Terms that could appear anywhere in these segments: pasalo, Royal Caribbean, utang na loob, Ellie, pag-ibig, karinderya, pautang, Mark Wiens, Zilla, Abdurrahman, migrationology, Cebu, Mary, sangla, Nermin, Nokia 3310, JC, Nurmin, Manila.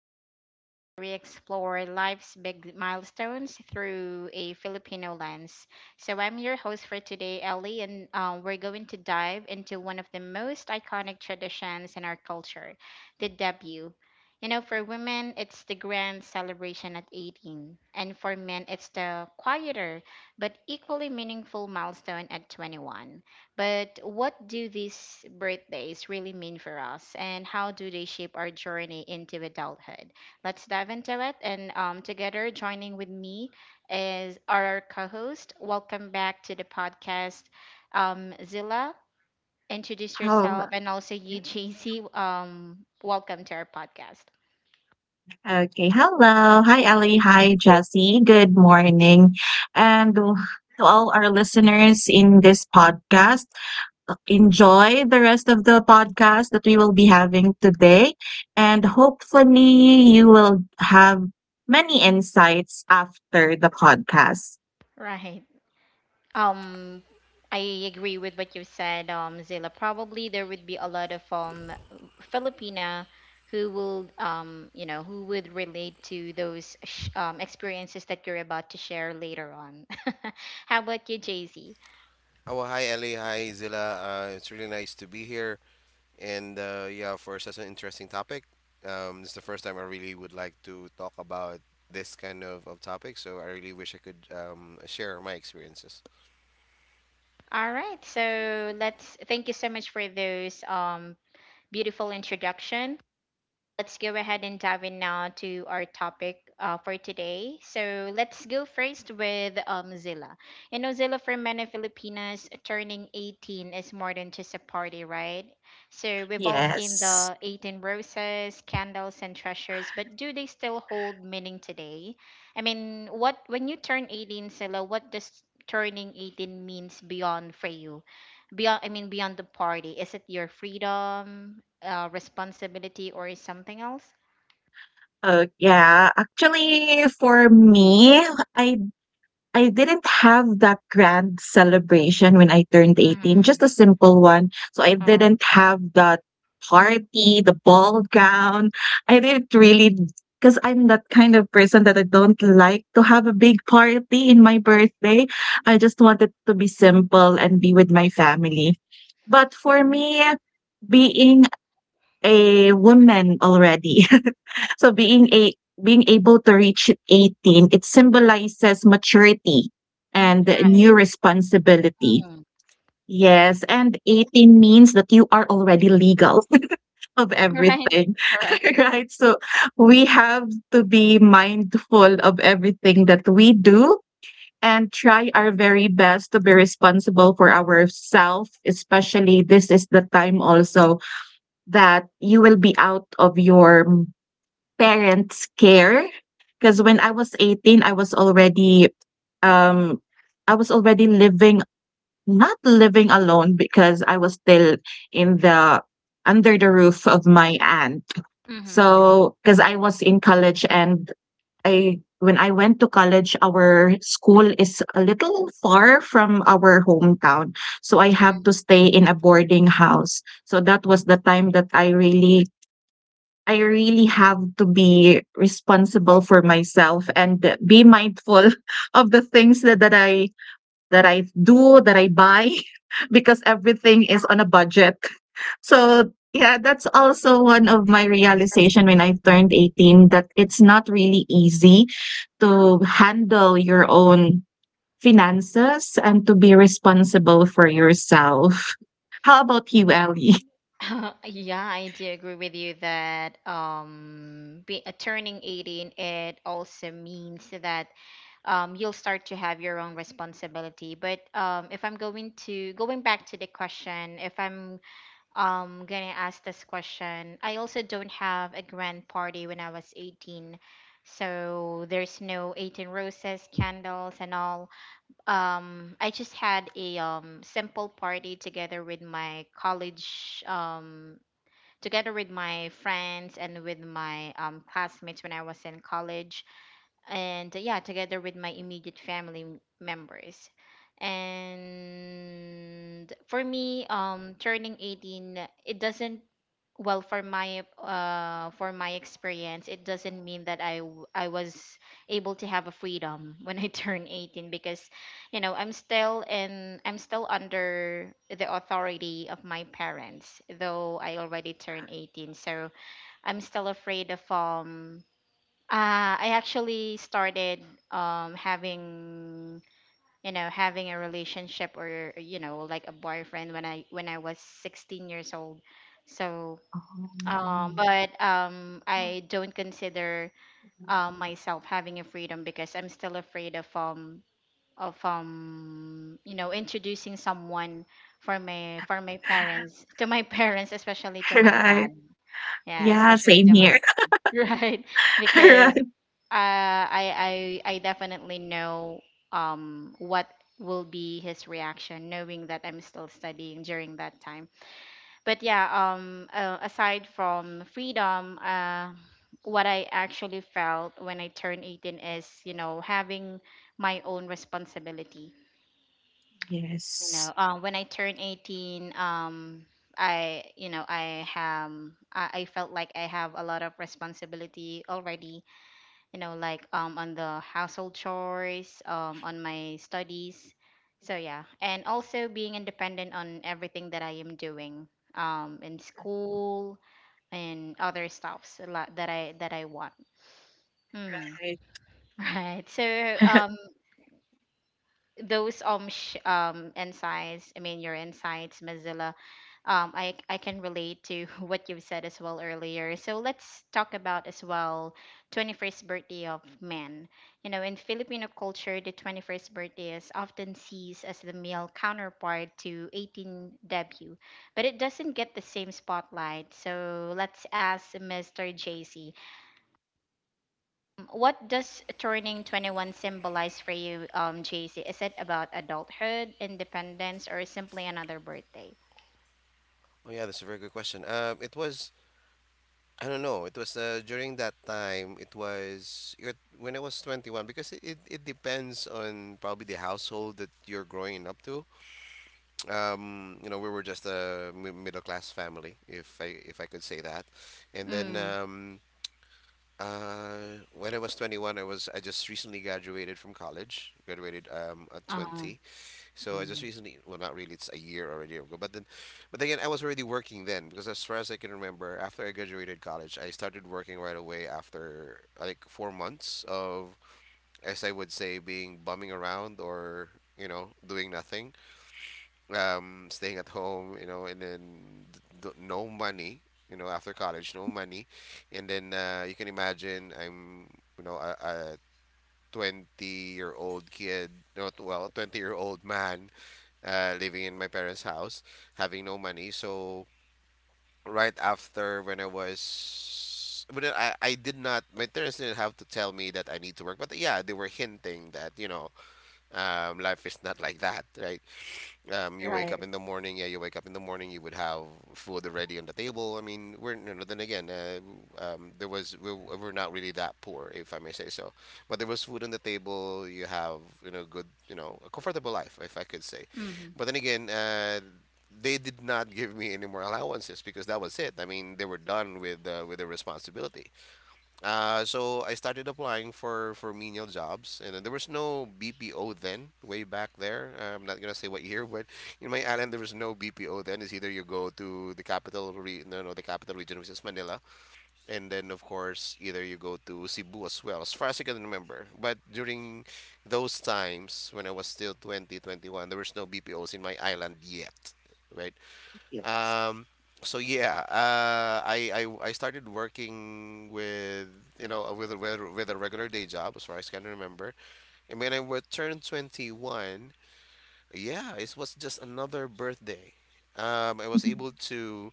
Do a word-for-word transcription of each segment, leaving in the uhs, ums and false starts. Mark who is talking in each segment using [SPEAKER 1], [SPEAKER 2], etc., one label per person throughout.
[SPEAKER 1] the podcast where we explore life's big milestones through a Filipino lens. So, I'm your host for today, Ellie, and um, we're going to dive into one of the most iconic traditions in our culture, the debut. You know, for women, it's the grand celebration at eighteen, and for men, it's the quieter but equally meaningful milestone at twenty-one. But what do these birthdays really mean for us, and how do they shape our journey into adulthood? Let's dive into it. And um, together, joining with me is our co-host. Welcome back to the podcast, um, Zilla. Introduce
[SPEAKER 2] Oh,
[SPEAKER 1] yourself, and also you, J C. Um, welcome to our podcast.
[SPEAKER 2] okay. Hello. Hi, Ellie. Hi, Jesse. Good morning. And to all our listeners in this podcast, enjoy the rest of the podcast that we will be having today. And hopefully, you will have many insights after the podcast.
[SPEAKER 1] Right. Um, I agree with what you said, um, Zila. Probably there would be a lot of um Filipina who will um you know who would relate to those sh- um, experiences that you're about to share later on. How about you, Jay Z?
[SPEAKER 3] Oh, well, hi Ellie. Hi Zilla. Uh, it's really nice to be here. And uh, yeah, for such an interesting topic. Um, this is the first time I really would like to talk about this kind of, of topic. So I really wish I could um, share my experiences.
[SPEAKER 1] All right, so let's thank you so much for those um beautiful introduction. Let's go ahead and dive in now to our topic, uh, for today. So let's go first with, um, Zilla. You know, Zilla, for many Filipinos, turning eighteen is more than just a party, right? So we've all seen
[SPEAKER 2] Yes.
[SPEAKER 1] the eighteen roses, candles, and treasures, but do they still hold meaning today? I mean, what, when you turn eighteen, Zilla, what does turning eighteen means beyond for you? Beyond, I mean, beyond the party, is it your freedom, uh, responsibility, or is something else?
[SPEAKER 2] Oh, yeah. Actually, for me, I I didn't have that grand celebration when I turned eighteen,
[SPEAKER 1] Mm-hmm.
[SPEAKER 2] just a simple one. So I
[SPEAKER 1] Uh-huh.
[SPEAKER 2] didn't have that party, the ball gown. I didn't really, because I'm that kind of person that I don't like to have a big party in my birthday. I just wanted to be simple and be with my family. But for me, being a woman already. so being a being able to reach eighteen, it symbolizes maturity and
[SPEAKER 1] Right.
[SPEAKER 2] new responsibility.
[SPEAKER 1] Mm-hmm.
[SPEAKER 2] Yes, and eighteen means that you are already legal, of
[SPEAKER 1] Right.
[SPEAKER 2] everything.
[SPEAKER 1] Correct.
[SPEAKER 2] Right? So we have to be mindful of everything that we do and try our very best to be responsible for ourselves, especially this is the time also that you will be out of your parents' care. Because when I was eighteen, I was already, um, I was already living, not living alone, because I was still in the, under the roof of my aunt.
[SPEAKER 1] Mm-hmm.
[SPEAKER 2] So, because I was in college and I, when I went to college, our school is a little far from our hometown. So I have
[SPEAKER 1] Mm.
[SPEAKER 2] to stay in a boarding house. So that was the time that I really I really have to be responsible for myself and be mindful of the things that, that I that I do, that I buy, because everything is on a budget. So yeah, that's also one of my realization when I turned eighteen, that it's not really easy to handle your own finances and to be responsible for yourself. How about you, Ellie?
[SPEAKER 1] Yeah, I do agree with you that um be, uh, turning eighteen, it also means that um you'll start to have your own responsibility. But um if I'm going to going back to the question, if I'm um gonna ask this question. I also don't have a grand party when I was eighteen. So there's no eighteen roses, candles and all. Um I just had a um simple party together with my college, um together with my friends and with my um classmates when I was in college, and yeah, together with my immediate family m- members. And for me, um turning eighteen, it doesn't, well, for my uh for my experience, it doesn't mean that i w- I was able to have a freedom when I turn eighteen, because you know, i'm still in I'm still under the authority of my parents, though I already turned eighteen. So I'm still afraid of, um uh, I actually started um having, you know, having a relationship, or you know, like a boyfriend when I when I was sixteen years old. So um but um I don't consider um myself having a freedom because I'm still afraid of, um of um you know introducing someone for my, for my parents, to my parents, especially to my
[SPEAKER 2] Right.
[SPEAKER 1] dad. Yeah,
[SPEAKER 2] Yeah,
[SPEAKER 1] especially to
[SPEAKER 2] same
[SPEAKER 1] my
[SPEAKER 2] here.
[SPEAKER 1] dad. Right. Because,
[SPEAKER 2] Right.
[SPEAKER 1] uh, I, I I definitely know um what will be his reaction, knowing that I'm still studying during that time. But yeah, um uh, aside from freedom, uh what I actually felt when I turned eighteen is, you know, having my own responsibility. You
[SPEAKER 2] Yes.
[SPEAKER 1] know, uh, when I turned eighteen, um I, you know, I have I I felt like I have a lot of responsibility already, you know like, um on the household chores, um on my studies. So yeah, and also being independent on everything that I am doing, um in school, and other stuffs a lot that i that i want. mm,
[SPEAKER 2] Right,
[SPEAKER 1] right. So um those, um sh- um insights, I mean, your insights, Mozilla, um i i can relate to what you've said as well earlier. So let's talk about as well, twenty-first birthday of men. You know, in Filipino culture, the twenty-first birthday is often sees as the male counterpart to eighteen debut, but it doesn't get the same spotlight. So let's ask Mr. JC. Mm, What does turning twenty-one symbolize for you, um, J C? Is it about adulthood, independence, or simply another birthday?
[SPEAKER 3] Oh, yeah, that's a very good question. Um, it was, I don't know, it was uh, during that time, it was it, when I was twenty-one, because it, it, it depends on probably the household that you're growing up to. Um, you know, we were just a mi middle class family, if I if I could say that. And then
[SPEAKER 1] Mm.
[SPEAKER 3] um, uh, when I was twenty-one, I was I just recently graduated from college. Graduated um, at
[SPEAKER 1] Oh,
[SPEAKER 3] twenty, so I just
[SPEAKER 1] mm.
[SPEAKER 3] recently, well, not really, it's a year already ago. But then, but then again, I was already working then because as far as I can remember, after I graduated college, I started working right away after like four months of, as I would say, being bumming around or you know doing nothing, um, staying at home, you know, and then d- d- no money, you know, after college, no money, and then uh, you can imagine I'm, you know, a, a twenty year old kid, no, t- well, twenty year old man, uh, living in my parents' house, having no money. So right after when I was but then I, I did not, my parents didn't have to tell me that I need to work, but yeah, they were hinting that you know um, life is not like that, right? Um, you wake
[SPEAKER 1] Right.
[SPEAKER 3] up
[SPEAKER 2] right.
[SPEAKER 3] in the morning. Yeah, you wake up in the morning. You would have food already on the table. I mean, we're you know, then again, uh, um, there was, we w- we're not really that poor, if I may say so. But there was food on the table. You have you know good you know a comfortable life, if I could say.
[SPEAKER 1] Hmm.
[SPEAKER 3] But then again, uh, they did not give me any more allowances because that was it. I mean, they were done with uh, with the responsibility. Uh, so I started applying for for menial jobs, and then there was no B P O then, way back there. Uh, I'm not gonna say what year, but in my island there was no B P O then. It's either you go to the capital re no no the capital region, which is Manila, and then of course either you go to Cebu as well, as far as I can remember. But during those times when I was still twenty twenty-one, there was no B P Os in my island yet, right?
[SPEAKER 2] Yes.
[SPEAKER 3] Um, so yeah, uh, I, I I started working with you know uh, with a with, a- with a regular day job as far as I can remember. And when I wa- turned twenty-one, yeah, it was just another birthday. Um, I was able to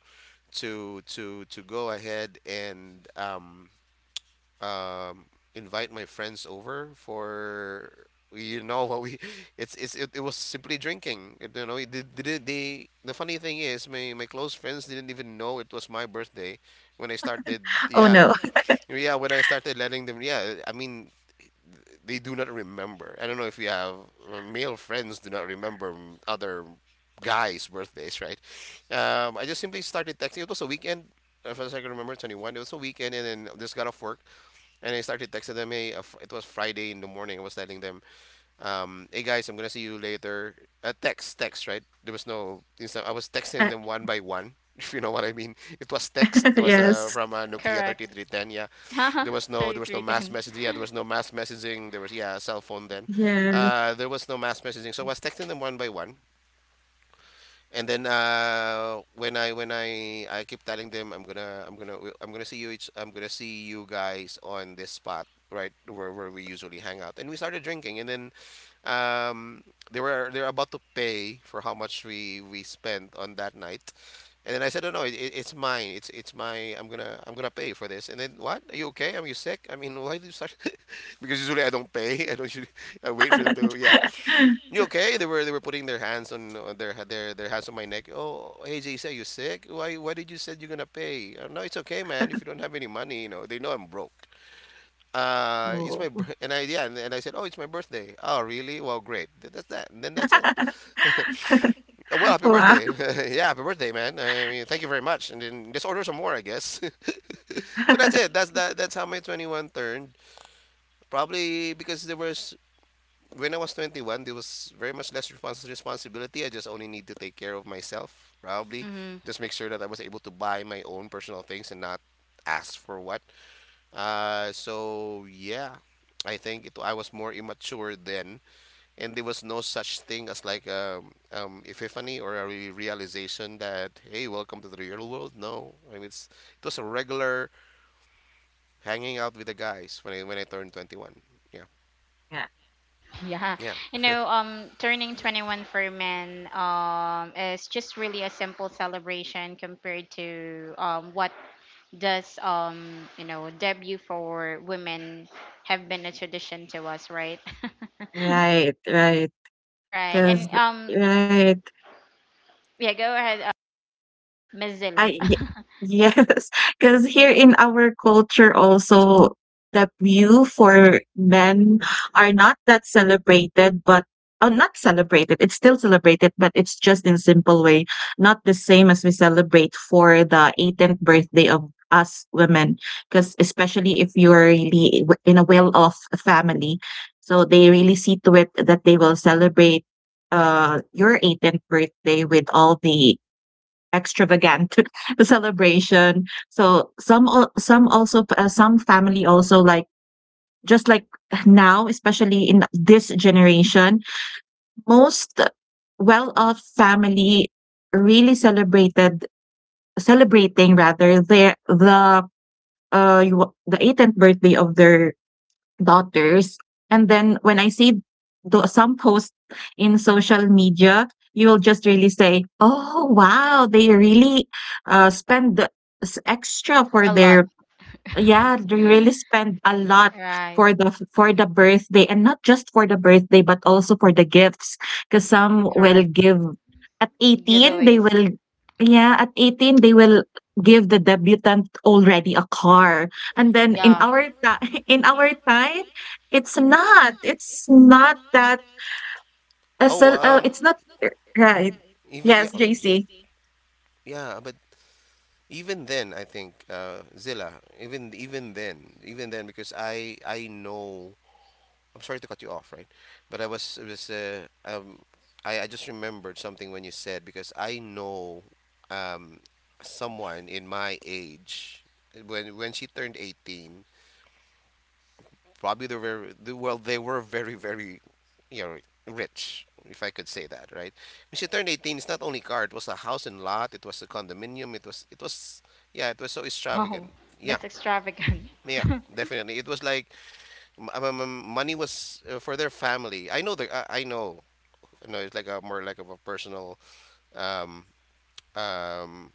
[SPEAKER 3] to to to go ahead and um, um, invite my friends over for you know what we it's, it's it, it was simply drinking. It- you know it, did did they the funny thing is my my close friends didn't even know it was my birthday when I started,
[SPEAKER 2] Oh,
[SPEAKER 3] yeah,
[SPEAKER 2] no.
[SPEAKER 3] yeah, when I started letting them, yeah, I mean they do not remember. I don't know if you have uh, male friends do not remember, mm, other guys birthdays, right? um, I just simply started texting. It was a weekend, if I can remember, twenty-one. It was a weekend, and then just got off work, and I started texting them. Hey, uh, fr- it was Friday in the morning. I was telling them, um, hey guys, I'm gonna see you later. Uh, text, text, right? There was no instant. I was texting them one by one, if you know what I mean. It was text. It was uh,
[SPEAKER 2] Yes.
[SPEAKER 3] from uh, Nokia
[SPEAKER 1] Correct.
[SPEAKER 3] three three one zero. Yeah, there was no, there was no mass
[SPEAKER 1] thirty-three ten.
[SPEAKER 3] messaging. Yeah, there was no mass messaging. There was yeah, cell phone then.
[SPEAKER 2] Yeah.
[SPEAKER 3] Uh, there was no mass messaging. So I was texting them one by one. And then uh, when I when I I keep telling them I'm gonna I'm gonna I'm gonna see you each I'm gonna see you guys on this spot, right, where, where we usually hang out, and we started drinking and then um, they were they're about to pay for how much we we spent on that night, and then I said, oh no, it, it- it's mine, it's it's my, I'm gonna I'm gonna pay for this. And then, what, are you okay, are you sick, I mean, why do you start, because usually I don't pay, I don't usually, I wait for them to, yeah, you okay? They were they were putting their hands on uh, their their their hands on my neck. Oh, hey J C, are you sick? Why why did you said you're gonna pay? Oh, no, it's okay, man. If you don't have any money, you know they know I'm broke. Uh, it's my
[SPEAKER 2] Oh,
[SPEAKER 3] bir- and I yeah and, and I said, oh, it's my birthday. Oh, really? Well, great. Th- That's that. And then that's it. Well, happy
[SPEAKER 2] wow.
[SPEAKER 3] birthday. Yeah, happy birthday, man. I mean, thank you very much. And then just order some more, I guess. So that's it. That's that. That's how my twenty-one turned. Probably because there was when I was twenty-one, there was very much less respons- responsibility. I just only need to take care of myself, probably.
[SPEAKER 1] Mm-hmm.
[SPEAKER 3] Just make sure that I was able to buy my own personal things and not ask for what. Uh, so yeah, I think it, I was more immature then, and there was no such thing as like um, um, epiphany or a re- realization that, hey, welcome to the real world. No, I mean it's it was a regular hanging out with the guys when I when I turned twenty-one. Yeah,
[SPEAKER 2] Yeah.
[SPEAKER 1] Yeah.
[SPEAKER 3] yeah,
[SPEAKER 1] You know, um, turning twenty-one for men, um, is just really a simple celebration compared to, um, what does, um, you know, debut for women have been a tradition to us, right?
[SPEAKER 2] Right, 'cause. Right.
[SPEAKER 1] Right. And
[SPEAKER 2] 'Cause,
[SPEAKER 1] um
[SPEAKER 2] right.
[SPEAKER 1] yeah, go ahead. Uh, Mozilla.
[SPEAKER 2] I y- yes, because here in our culture also the view for men are not that celebrated, but oh, not celebrated. It's still celebrated, but it's just in simple way, not the same as we celebrate for the eighteenth birthday of us women. Because especially if you're really w- in a well-off family, so they really see to it that they will celebrate uh your eighteenth birthday with all the extravagant the celebration. So some al- some also, uh, some family also, like just like now, especially in this generation, most well-off family really celebrated celebrating rather their the uh you- the eighteenth birthday of their daughters. And then when I see tho- some posts in social media, you will just really say, "Oh wow, they really uh, spend the s- extra for
[SPEAKER 1] A lot.
[SPEAKER 2] their..." Yeah, they really spend a lot
[SPEAKER 1] Right.
[SPEAKER 2] for the for the birthday, and not just for the birthday but also for the gifts, because some will
[SPEAKER 1] Correct.
[SPEAKER 2] give at eighteen. They
[SPEAKER 1] Giveaways.
[SPEAKER 2] will, yeah, at eighteen they will give the debutant already a car. And
[SPEAKER 1] Oh
[SPEAKER 2] then
[SPEAKER 3] yeah.
[SPEAKER 2] in
[SPEAKER 1] yeah.
[SPEAKER 2] our time, in
[SPEAKER 3] In
[SPEAKER 2] our
[SPEAKER 3] our
[SPEAKER 2] time, it's not it's not that
[SPEAKER 3] Oh,
[SPEAKER 2] SL, uh,
[SPEAKER 3] um,
[SPEAKER 2] it's not, uh, right.
[SPEAKER 3] even yeah,
[SPEAKER 2] Yes,
[SPEAKER 3] z- J
[SPEAKER 2] J C.
[SPEAKER 3] C. Yeah, but even then, I think uh, Zilla. Even even then, even then, because I I know. I'm sorry to cut you off, right? But I was I was uh, um I I just remembered something when you said, because I know um someone in my age when when she turned eighteen, probably they were they- well they were very very, you know, rich, if I could say that, right? When she turned eighteen, it's not only car, it was a house and lot, it was a condominium, it was it was, yeah, it was so
[SPEAKER 1] Wow.
[SPEAKER 3] extravagant. Yeah,
[SPEAKER 1] That's extravagant.
[SPEAKER 3] yeah, definitely. It was like m- m- m- money was uh, for their family. I know the I, I know, you know, it's like a more like of a personal um um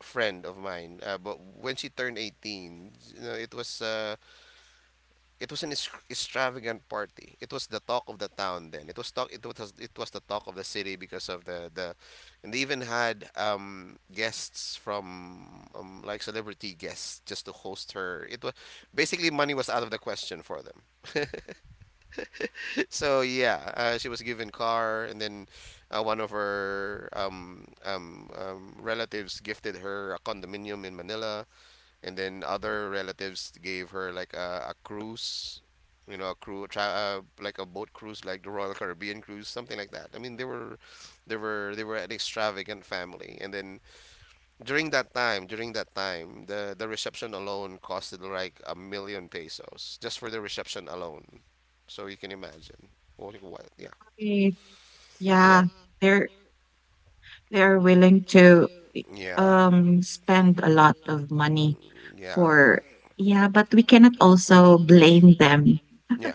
[SPEAKER 3] friend of mine. uh, but when she turned eighteen, you know, it was uh it was an es- extravagant party. It was the talk of the town then. It was talk. It was it was the talk of the city because of the the, and they even had um guests from um, like celebrity guests just to host her. It was basically money was out of the question for them. So yeah, uh, she was given car, and then uh, one of her um, um, um, relatives gifted her a condominium in Manila, and then other relatives gave her like a, a cruise, you know, a crew, tra uh, like a boat cruise, like the Royal Caribbean cruise, something like that. I mean, they were, they were, they were an extravagant family. And then during that time, during that time, the the reception alone costed like a million pesos just for the reception alone. So you can imagine. What, what? Yeah,
[SPEAKER 2] Right. Yeah,
[SPEAKER 3] yeah,
[SPEAKER 2] they're. They are willing to,
[SPEAKER 3] yeah.
[SPEAKER 2] um, spend a lot of money
[SPEAKER 3] Yeah,
[SPEAKER 2] for, yeah, but we cannot also blame them.
[SPEAKER 3] yeah.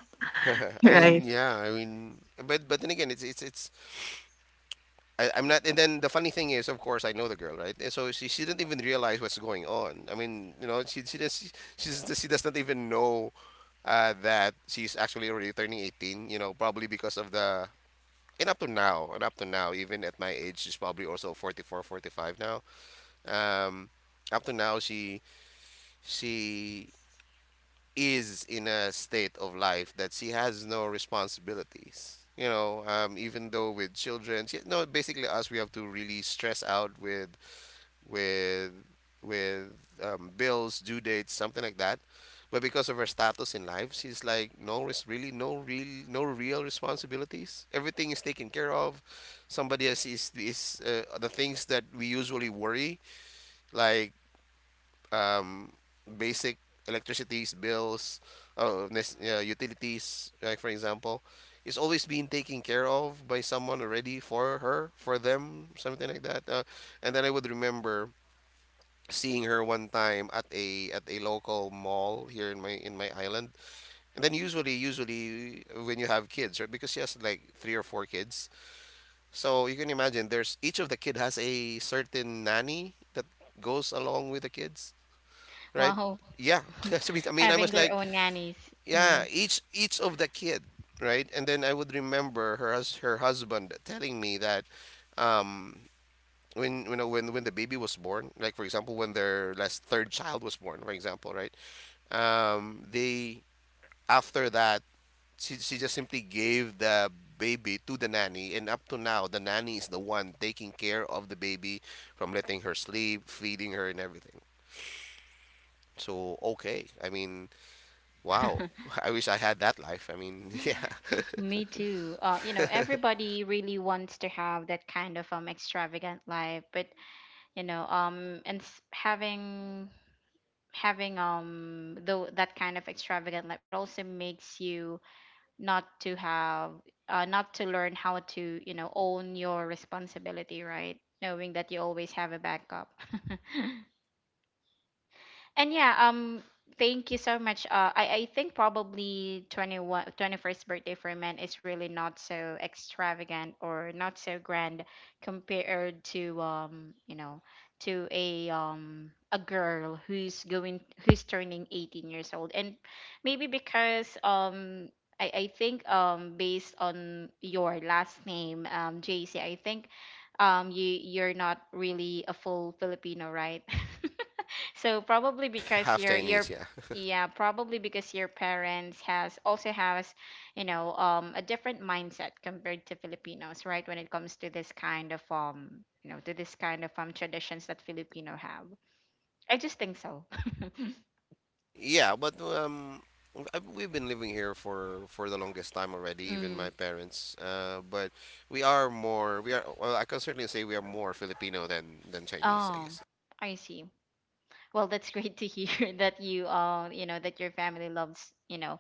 [SPEAKER 3] I mean,
[SPEAKER 2] Right?
[SPEAKER 3] yeah. I mean, but but then again, it's it's it's I, I'm not. And then the funny thing is, of course, I know the girl, right? And so she, she didn't even realize what's going on. I mean, you know, she she does she, she's, she does not even know uh, that she's actually already turning eighteen. You know, probably because of the, and up to now, and up to now, even at my age, she's probably also forty-four, forty-five now. Um, up to now, she she is in a state of life that she has no responsibilities. You know, um, even though with children, she, no, basically us, we have to really stress out with with with um, bills, due dates, something like that. But because of her status in life, she's like no, res- really no real no real responsibilities. Everything is taken care of. Somebody else is is uh, the things that we usually worry like um, basic electricities, bills, uh, nes- uh, utilities, like for example, is always being taken care of by someone already for her, for them, something like that. Uh, and then I would remember seeing her one time at a at a local mall here in my in my island. And then usually usually when you have kids, right? Because she has like three or four kids, so you can imagine there's each of the kid has a certain nanny that goes along with the kids, right?
[SPEAKER 1] Wow.
[SPEAKER 3] Yeah. So I mean I
[SPEAKER 1] Having
[SPEAKER 3] was
[SPEAKER 1] their
[SPEAKER 3] like,
[SPEAKER 1] own nannies.
[SPEAKER 3] yeah,
[SPEAKER 1] Mm,
[SPEAKER 3] each each of the kid, right? And then I would remember her hus- her husband telling me that um when you know when when the baby was born, like for example when their last third child was born for example, right? Um, they, after that, she, she just simply gave the baby to the nanny, and up to now the nanny is the one taking care of the baby, from letting her sleep, feeding her, and everything. So okay, I mean, wow. I wish I had that life, I mean. Yeah.
[SPEAKER 1] me too. Uh, you know, everybody really wants to have that kind of um extravagant life, but you know, um, and s- having, having um though, that kind of extravagant life, it also makes you not to have, uh, not to learn how to, you know, own your responsibility, right, knowing that you always have a backup. And yeah, um, thank you so much. Uh, I, I think probably twenty one twenty first birthday for men is really not so extravagant or not so grand compared to, um, you know, to a, um a girl who's going who's turning eighteen years old. And maybe because, um I, I think um based on your last name, um J C, I think um you you're not really a full Filipino, right? So probably because
[SPEAKER 3] Half
[SPEAKER 1] your
[SPEAKER 3] Chinese,
[SPEAKER 1] your
[SPEAKER 3] yeah.
[SPEAKER 1] yeah, probably because your parents has also has, you know, um a different mindset compared to Filipinos, right? When it comes to this kind of, um, you know, to this kind of um traditions that Filipino have. I just think so.
[SPEAKER 3] Yeah but um I- we've been living here for for the longest time already, even
[SPEAKER 1] Mm.
[SPEAKER 3] my parents, uh, but we are more, we are, well, I can certainly say we are more Filipino than than Chinese, I
[SPEAKER 1] Oh,
[SPEAKER 3] guess.
[SPEAKER 1] I see. Well, that's great to hear that you uh, you know, that your family loves, you know,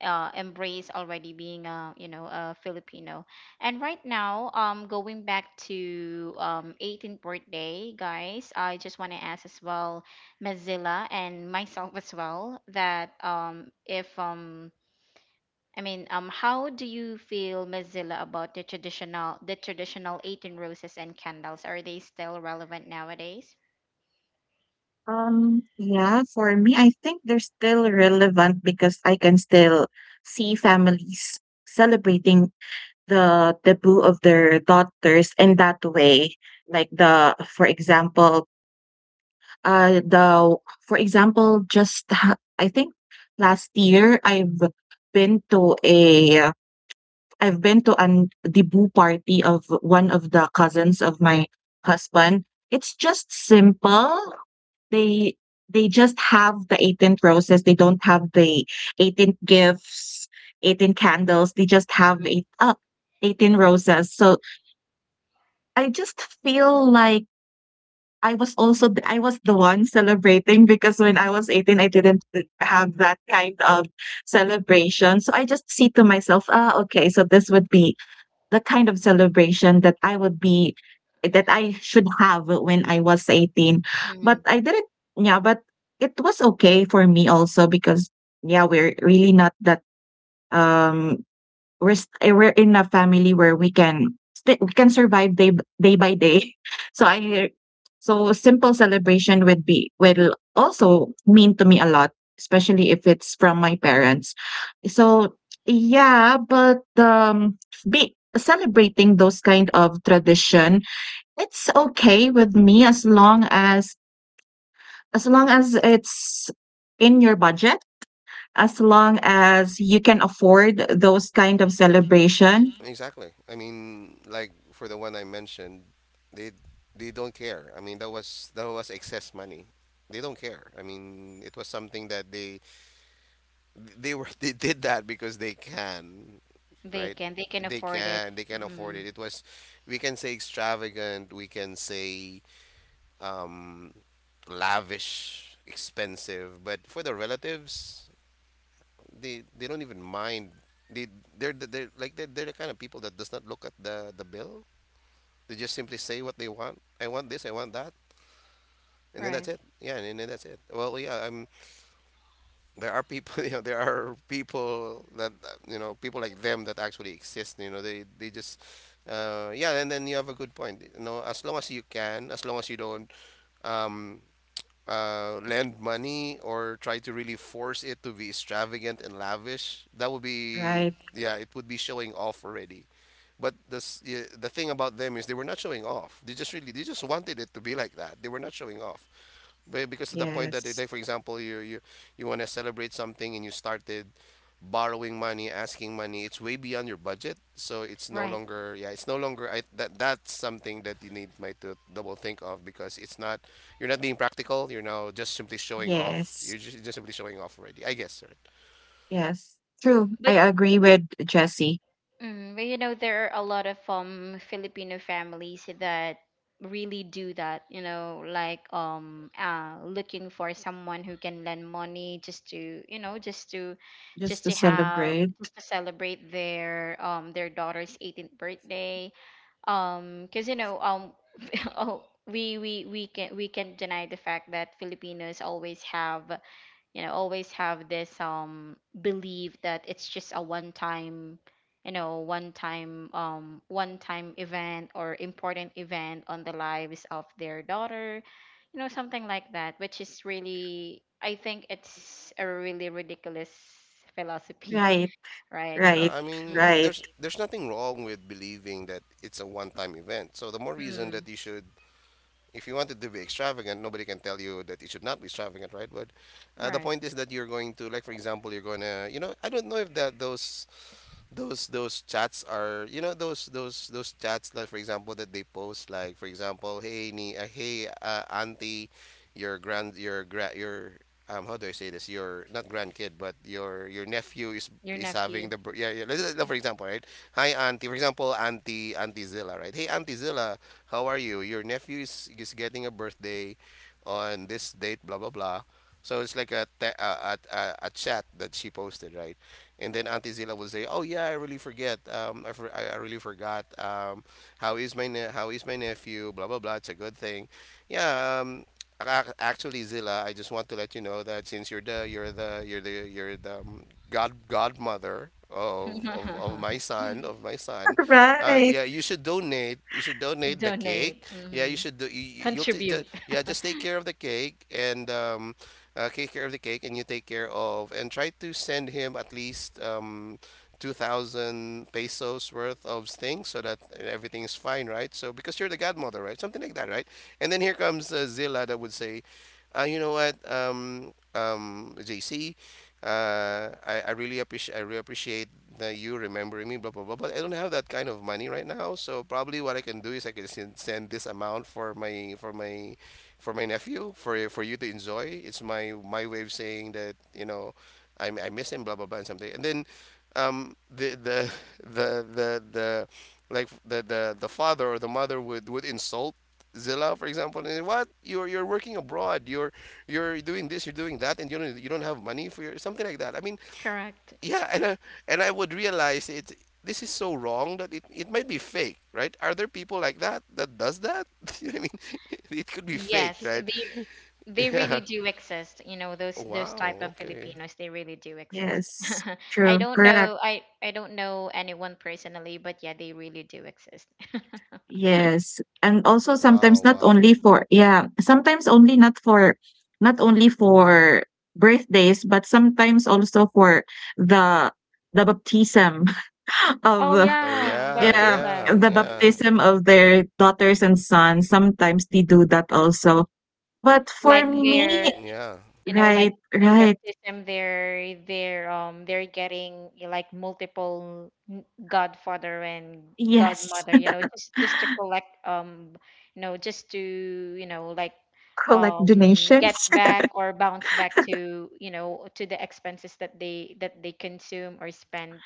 [SPEAKER 1] uh, embrace already being a, you know a Filipino. And right now, um, going back to, um eighteenth birthday, guys, I just want to ask as well, Mozilla and myself as well, that um if um I mean, um how do you feel, Mozilla, about the traditional the traditional eighteen roses and candles? Are they still relevant nowadays?
[SPEAKER 2] Um, yeah, for me, I think they're still relevant because I can still see families celebrating the debut of their daughters in that way. Like the, for example, uh, the, for example, just ha- I think last year I've been to a I've been to an debut party of one of the cousins of my husband. It's just simple. They they just have the eighteenth roses. They don't have the eighteenth gifts, eighteen candles. They just have eight uh, eighteen roses. So I just feel like I was also th- I was the one celebrating, because when I was eighteen I didn't have that kind of celebration. So I just see to myself, ah, okay, so this would be the kind of celebration that I would be that I should have when I was eighteen.
[SPEAKER 1] Hmm.
[SPEAKER 2] But I didn't. Yeah, but it was okay for me also, because yeah, we're really not that, um we're st- we're in a family where we can st- we can survive day b- day by day. So I, so simple celebration would be will also mean to me a lot, especially if it's from my parents. So yeah, but um, be celebrating those kind of tradition, it's okay with me, as long as as long as it's in your budget, as long as you can afford those kind of celebration.
[SPEAKER 3] Exactly. I mean, like for the one I mentioned, they, they don't care. I mean, that was that was excess money. They don't care. I mean, it was something that they they were they did that because they can,
[SPEAKER 1] They
[SPEAKER 3] right?
[SPEAKER 1] can they can
[SPEAKER 3] They
[SPEAKER 1] afford it.
[SPEAKER 3] can they can afford
[SPEAKER 1] Mm,
[SPEAKER 3] it. It was, we can say extravagant, we can say um lavish, expensive, but for the relatives, they they don't even mind. They, they're the- they're like they're, they're the kind of people that does not look at the the bill. They just simply say what they want. I want this, I want that. And then that's
[SPEAKER 1] right,
[SPEAKER 3] it. Yeah, and then that's it. Well, yeah. Um, there are people. You know, there are people that, uh, you know, people like them that actually exist. You know, they they just, uh, yeah. And then you have a good point. You know, as long as you can, as long as you don't um uh, lend money or try to really force it to be extravagant and lavish, that would be,
[SPEAKER 2] Right.
[SPEAKER 3] yeah, it would be showing off already. But this, yeah, the thing about them is they were not showing off. They just really, they just wanted it to be like that. They were not showing off. Be- Because to the point that, like
[SPEAKER 2] Yes.
[SPEAKER 3] for example, you you you want to celebrate something and you started borrowing money, asking money, it's way beyond your budget. So it's no
[SPEAKER 1] right.
[SPEAKER 3] longer, yeah, it's no longer. I, that that's something that you need might to double think of because it's not. You're not being practical. You're now just simply showing off. You're
[SPEAKER 2] Yes.
[SPEAKER 3] just, just simply showing off already, I guess, right?
[SPEAKER 2] Yes. True. I
[SPEAKER 1] But
[SPEAKER 2] agree with Jesse.
[SPEAKER 1] Mm, but you know, there are a lot of um Filipino families that really do that, you know, like, um uh looking for someone who can lend money just to, you know, just to just
[SPEAKER 2] Just to
[SPEAKER 1] to have
[SPEAKER 2] celebrate.
[SPEAKER 1] just to celebrate their, um their daughter's eighteenth birthday. Um, because you know, um oh, we we we can we can deny the fact that Filipinos always have, you know always have this um belief that it's just a one time, you know one time um one time event, or important event on the lives of their daughter, you know something like that, which is really, I think it's a really ridiculous philosophy.
[SPEAKER 2] Right.
[SPEAKER 1] Right.
[SPEAKER 3] Yeah,
[SPEAKER 2] Right.
[SPEAKER 3] I
[SPEAKER 1] Mm,
[SPEAKER 3] mean,
[SPEAKER 2] Right.
[SPEAKER 3] there's there's nothing wrong with believing that it's a one-time event. So the more reason that
[SPEAKER 1] mm,
[SPEAKER 3] you should, if you wanted to be extravagant, nobody can tell you that it should not be extravagant, right? But uh, the
[SPEAKER 1] right.
[SPEAKER 3] point is that you're going to, like for example, you're going to, you know, I don't know if that, those those those chats are, you know, those those those chats like for example that they post, like for example, hey, ni uh, hey, uh, auntie, your grand, your gra- your, um how do I say this, your, not grandkid, but your your nephew is
[SPEAKER 1] Your
[SPEAKER 3] is having
[SPEAKER 1] nephew.
[SPEAKER 3] the bir- yeah, yeah, let's, let's, for example, right? Hi auntie, for example, auntie, auntie Zilla, right? Hey auntie Zilla, how are you? Your nephew is is getting a birthday on this date, blah blah blah. So it's like a te- a, a a a chat that she posted, right? And then Auntie Zila will say, "Oh yeah, I really forget. Um, I, for, I, I really forgot. Um, how is my ne- how is my nephew? Blah blah blah. It's a good thing. Yeah. Um, ac- actually, Zila, I just want to let you know that since you're the you're the you're the you're the um, god godmother of, of of my son of my son, uh,
[SPEAKER 2] Right.
[SPEAKER 3] yeah, you should donate. You should donate the
[SPEAKER 1] Donate.
[SPEAKER 3] cake. Yeah, you
[SPEAKER 1] Mhm.
[SPEAKER 3] should do. You, you- you'll t- ju-
[SPEAKER 1] Contribute.
[SPEAKER 3] yeah, just take care of the cake and um, uh, take care of the cake, and you take care of and try to send him at least um, two thousand pesos worth of things so that everything is fine, right? So because you're the godmother, right? Something like that, right? And then here comes uh, Zilla that would say, uh, you know what, um, um, JC, uh, I, I really appreciate, I really appreciate that you remembering me, blah blah blah, but I don't have that kind of money right now, so probably what I can do is I can sen- send this amount for my for my for my nephew for for you to enjoy. It's my, my way of saying that, you know, I I miss him, blah blah blah, and something. And then um the the the the the like the the the father or the mother would would insult Zilla, for example, and then, what, you're you're working abroad, you're you're doing this, you're doing that, and you don't, you don't have money for your, something like that. I mean,
[SPEAKER 1] Correct.
[SPEAKER 3] yeah, and I, and I would realize it. This is so wrong that it, it might be fake, right? Are there people like that, that does that? You know what I mean, it could be fake,
[SPEAKER 1] Yes,
[SPEAKER 3] right?
[SPEAKER 1] they they
[SPEAKER 3] Yeah.
[SPEAKER 1] really do exist. You know, those those
[SPEAKER 3] Wow.
[SPEAKER 1] type of
[SPEAKER 3] Okay.
[SPEAKER 1] Filipinos, they really do exist.
[SPEAKER 2] Yes.
[SPEAKER 1] I
[SPEAKER 2] True.
[SPEAKER 1] don't
[SPEAKER 2] Correct.
[SPEAKER 1] know, I I don't know anyone personally, but yeah, they really do exist.
[SPEAKER 2] Yes. And also
[SPEAKER 3] Wow.
[SPEAKER 2] sometimes not only
[SPEAKER 3] Wow.
[SPEAKER 2] for, yeah, sometimes only not for, not only for birthdays, but sometimes also for the the baptism
[SPEAKER 1] Oh
[SPEAKER 2] of...
[SPEAKER 3] Oh
[SPEAKER 1] yeah,
[SPEAKER 3] yeah.
[SPEAKER 2] Yeah,
[SPEAKER 3] Yeah.
[SPEAKER 2] the
[SPEAKER 1] baptism. Mm.
[SPEAKER 3] Yeah.
[SPEAKER 2] baptism of their daughters and sons, sometimes they do that also. But for
[SPEAKER 1] Like their
[SPEAKER 2] me,
[SPEAKER 3] Yeah.
[SPEAKER 1] you know like
[SPEAKER 2] right,
[SPEAKER 1] in
[SPEAKER 2] right,
[SPEAKER 1] baptism they're, they're um they're getting eh, like, multiple n- godfather and
[SPEAKER 2] yes.
[SPEAKER 1] godmother, you know just just to collect, um you know just to, you know like,
[SPEAKER 2] Collect
[SPEAKER 1] um
[SPEAKER 2] donations.
[SPEAKER 1] get back or bounce back to, you know to the expenses that they that they consume or spend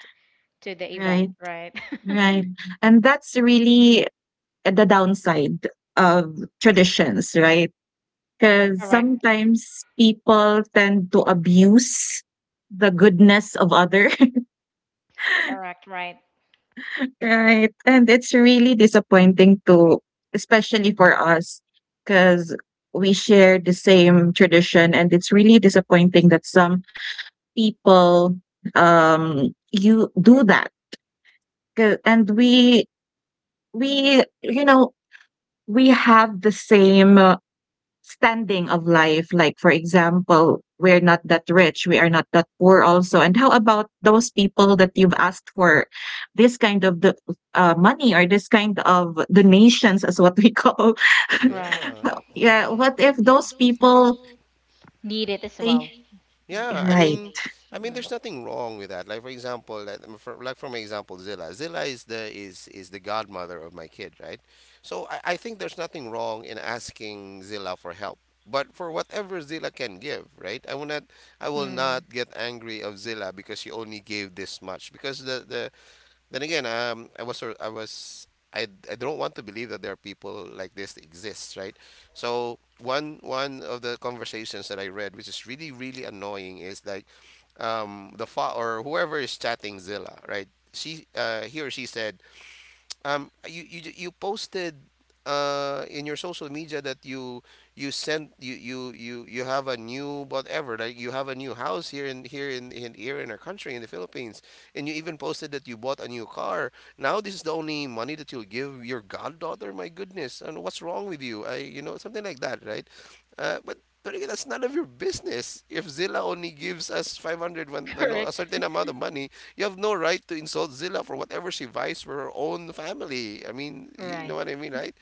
[SPEAKER 1] to the event,
[SPEAKER 2] Right,
[SPEAKER 1] right.
[SPEAKER 2] right. And that's really the downside of traditions, right? Because
[SPEAKER 1] correct
[SPEAKER 2] sometimes people tend to abuse the goodness of others.
[SPEAKER 1] correct right
[SPEAKER 2] Right, and it's really disappointing to, especially for us, because we share the same tradition, and it's really disappointing that some people, um, you do that, 'ca, and we we, you know, we have the same, uh, standing of life. Like for example, we're not that rich, we are not that poor also, and how about those people that you've asked for this kind of the, uh, money, or this kind of donations, as what we call,
[SPEAKER 1] right
[SPEAKER 3] Yeah.
[SPEAKER 2] yeah,
[SPEAKER 3] Yeah.
[SPEAKER 2] what if those people
[SPEAKER 1] need it as
[SPEAKER 2] they...
[SPEAKER 1] well mm,
[SPEAKER 3] Yeah, I
[SPEAKER 2] Right,
[SPEAKER 3] mean, I mean,
[SPEAKER 1] mm,
[SPEAKER 3] there's nothing wrong with that. Like for example, like um, for, like for my example, Zilla. Zilla is the is is the godmother of my kid, right? So I, I think there's nothing wrong in asking Zilla for help. But for whatever Zilla can give, right? I will not I will
[SPEAKER 1] mm.
[SPEAKER 3] not get angry of Zilla because she only gave this much because the the then again, um, I was sor- I was I, I don't want to believe that there are people like this that exists, right? So one one of the conversations that I read, which is really really annoying, is like, um, the fa- or whoever is chatting Zilla, right? She uh, he or she said, um you you you posted uh in your social media that you you sent you you you you have a new whatever, like you have a new house here in here in, in here in our country in the Philippines, and you even posted that you bought a new car. Now this is the only money that you'll give your goddaughter? My goodness, and what's wrong with you? I, you know, something like that, right? Uh but but again, that's none of your business. If Zilla only gives us five hundred, when, you know, a
[SPEAKER 1] correct
[SPEAKER 3] certain amount of money, you have no right to insult Zilla for whatever she buys for her own family. I mean, you know
[SPEAKER 1] right
[SPEAKER 3] what I mean, right?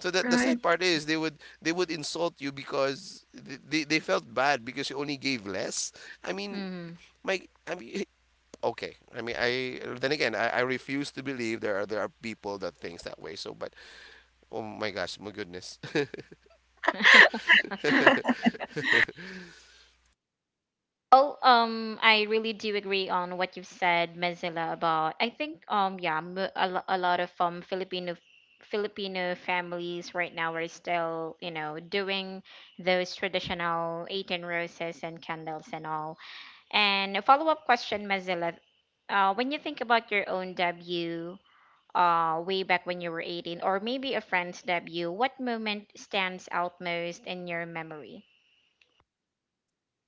[SPEAKER 3] So that, the
[SPEAKER 2] right.
[SPEAKER 3] sad part is they would, they would insult you because th- they, they felt bad because you only gave less. I mean,
[SPEAKER 1] mm.
[SPEAKER 3] my, I mean, okay. I mean, I, then again, I, I refuse to believe there are, there are people that thinks that way. So, but oh my gosh, my goodness.
[SPEAKER 1] Well, um, I really do agree on what you've said, Mozilla, about, I think um yeah, m- a, lo- a lot of um Filipino Filipino families right now are still, you know, doing those traditional eighteen roses and candles and all. And a follow-up question, Mozilla, uh, when you think about your own debut, uh, way back when you were eighteen, or maybe a friend's debut, what moment stands out most in your memory?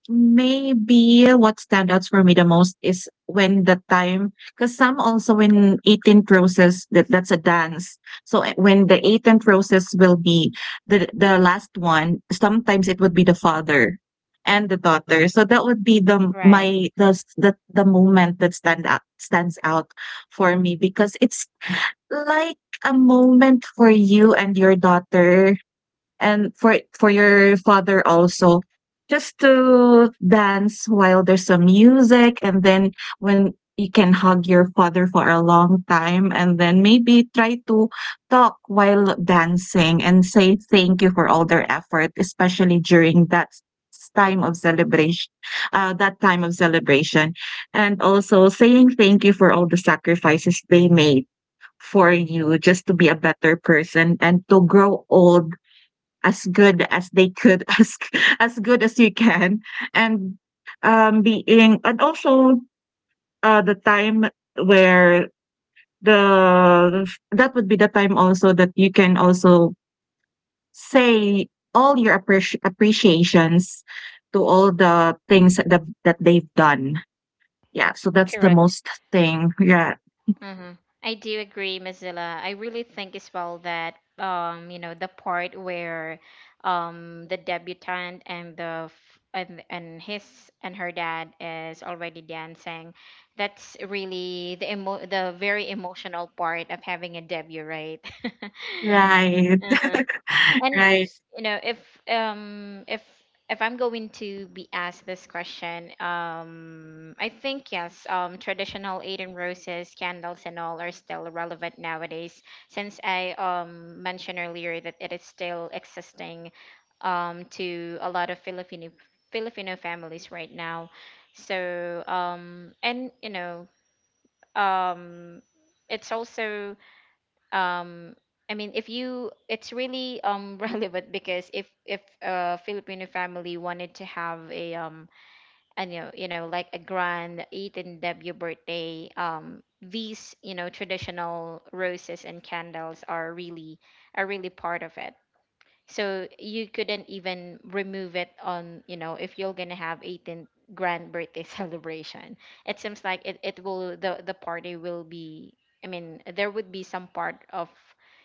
[SPEAKER 2] Maybe what stand outs for me the most is when the time, because some also when eighteenth roses, that, that's a dance. So, uh, when the eighteenth roses will be the the last one, sometimes it would be the father and the daughter. So that would be the
[SPEAKER 1] Right.
[SPEAKER 2] my the s- the, the moment that stand out stands out for me, because it's like a moment for you and your daughter, and for for your father also, just to dance while there's some music, and then when you can hug your father for a long time and then maybe try to talk while dancing and say thank you for all their effort, especially during that s- time of celebration, uh, that time of celebration, and also saying thank you for all the sacrifices they made for you just to be a better person, and to grow old as good as they could, as as good as you can, and, um, being, and also uh, the time where the that would be the time also that you can also say all your appreci- appreciations to all the things that that they've done. Yeah, so that's the
[SPEAKER 1] Correct.
[SPEAKER 2] most thing. Yeah,
[SPEAKER 1] Hmm. I do agree, Mozilla. I really think as well that, um, you know, the part where um the debutant and the f- and and his and her dad is already dancing, that's really the emo the very emotional part of having a debut, right?
[SPEAKER 2] right.
[SPEAKER 1] Uh-huh. And
[SPEAKER 2] Right,
[SPEAKER 1] you know, if um if if I'm going to be asked this question, um I think yes, um traditional Eden roses, candles and all are still relevant nowadays, since I um mentioned earlier that it is still existing um to a lot of Filipino Filipino families right now. So um and you know, um it's also um i mean if you it's really um relevant, because if if a filipino family wanted to have a, um I know you know like a grand eat and debut birthday, um these you know traditional roses and candles are really are really part of it. So you couldn't even remove it. On you know if you're gonna have eighteenth grand birthday celebration, it seems like it, it will, the the party will be, i mean there would be some part of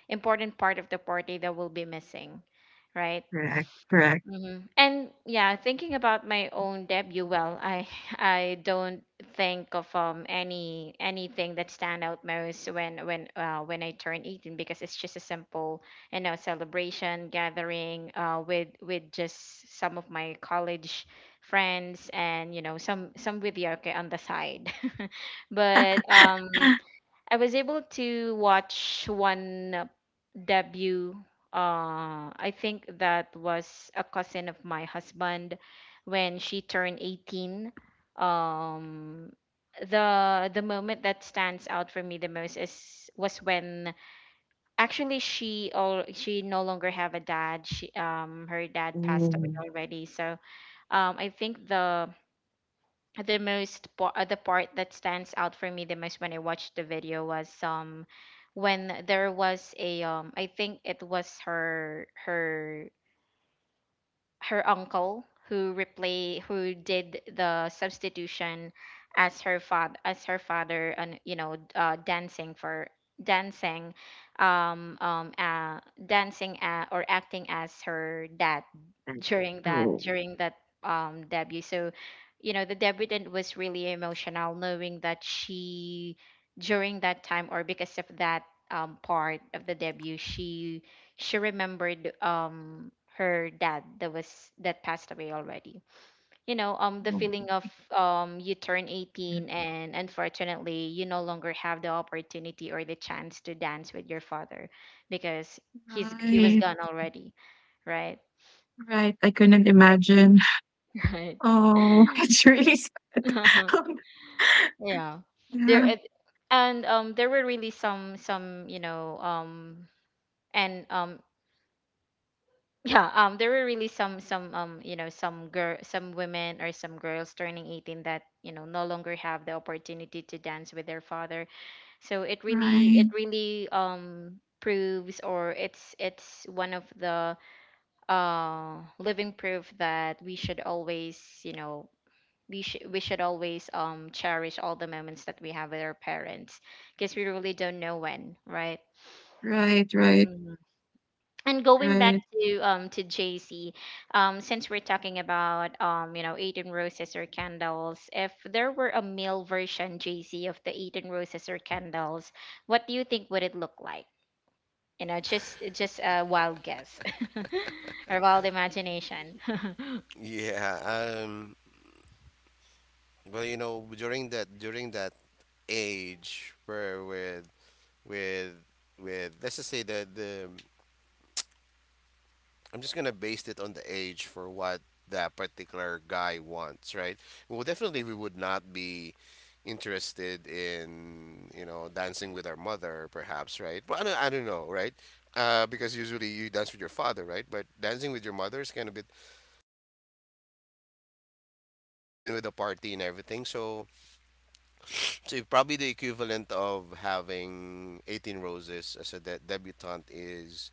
[SPEAKER 1] important part of the party that will be missing, right?
[SPEAKER 2] correct, correct.
[SPEAKER 1] Hmm. And yeah, thinking about my own debut, well, I I don't think of um any anything that stand out most when when uh, when I turn eighteen, because it's just a simple, you know celebration gathering uh with with just some of my college friends, and you know some some with yoke on the side. But um I was able to watch one debut. Uh, I think that was a cousin of my husband when she turned eighteen. Um, the the moment that stands out for me the most is was when, actually, she all she no longer have a dad. She um her dad passed away
[SPEAKER 2] Mm,
[SPEAKER 1] already. So um I think the the most po- uh, the part that stands out for me the most when I watched the video was, um when there was a, um I think it was her her her uncle who replay who did the substitution, as her father as her father, and you know uh, dancing for dancing um um uh, dancing uh, or acting as her dad
[SPEAKER 2] right.
[SPEAKER 1] during that
[SPEAKER 2] Oh.
[SPEAKER 1] during that um debut. So you know the debutant was really emotional, knowing that she during that time or because of that um part of the debut, she she remembered um her dad that was that passed away already. You know um the
[SPEAKER 2] Oh,
[SPEAKER 1] feeling of, um you turn eighteen and unfortunately you no longer have the opportunity or the chance to dance with your father, because he's he was
[SPEAKER 2] right.
[SPEAKER 1] gone already, right?
[SPEAKER 2] Right, I couldn't imagine.
[SPEAKER 1] Right.
[SPEAKER 2] Oh, it's really sad.
[SPEAKER 1] Yeah.
[SPEAKER 2] Um,
[SPEAKER 1] There
[SPEAKER 2] yeah,
[SPEAKER 1] it- and um there were really some some, you know, um and um yeah, um there were really some some um you know some girl some women or some girls turning eighteen that, you know, no longer have the opportunity to dance with their father. So it really
[SPEAKER 2] right,
[SPEAKER 1] it really um proves or it's it's one of the uh living proof that we should always, you know, we should we should always um cherish all the moments that we have with our parents, because we really don't know when, right?
[SPEAKER 2] right, right,
[SPEAKER 1] Mhm. And going back
[SPEAKER 2] right.
[SPEAKER 1] to um to J C, um since we're talking about um you know eighteen roses or candles, if there were a male version, J C, of the eighteen roses or candles, what do you think would it look like? You know, just just a wild guess or wild imagination.
[SPEAKER 3] Yeah, um, well, you know, during that during that age where with with with, let's just say the the I'm just gonna base it on the age for what that particular guy wants, right? Well, definitely we would not be interested in, you know, dancing with our mother, perhaps, right? But I don't, I don't know, right? Uh, because usually you dance with your father, right? But dancing with your mother is kind of bit, even with a party and everything. So, so if probably the equivalent of having eighteen roses as a de- debutante is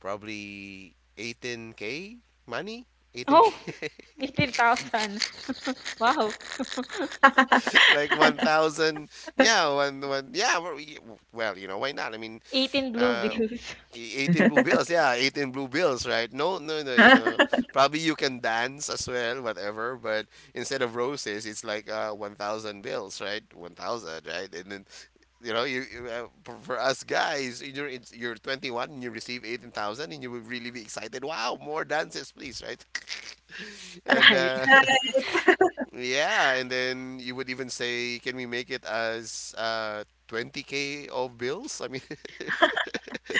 [SPEAKER 3] probably eighteen k money. eighteen k
[SPEAKER 1] eighteen thousand. Wow.
[SPEAKER 3] like one thousand. Yeah, one, one, yeah. Well, y- well, you know, why not? I mean,
[SPEAKER 1] eighteen blue
[SPEAKER 3] uh,
[SPEAKER 1] bills.
[SPEAKER 3] e- eighteen blue bills. Yeah, eighteen blue bills, right? No, no, no, you know. Probably you can dance as well, whatever. But instead of roses, it's like uh, one thousand bills, right? one thousand, right? And then, you know, you, you uh, for, for us guys, you're it's- you're twenty-one and you receive eighteen thousand and you will really be excited. Wow, more dances, please, right? and
[SPEAKER 1] Right.
[SPEAKER 3] uh, Yeah, and then you would even say, can we make it as uh twenty k of bills? I mean,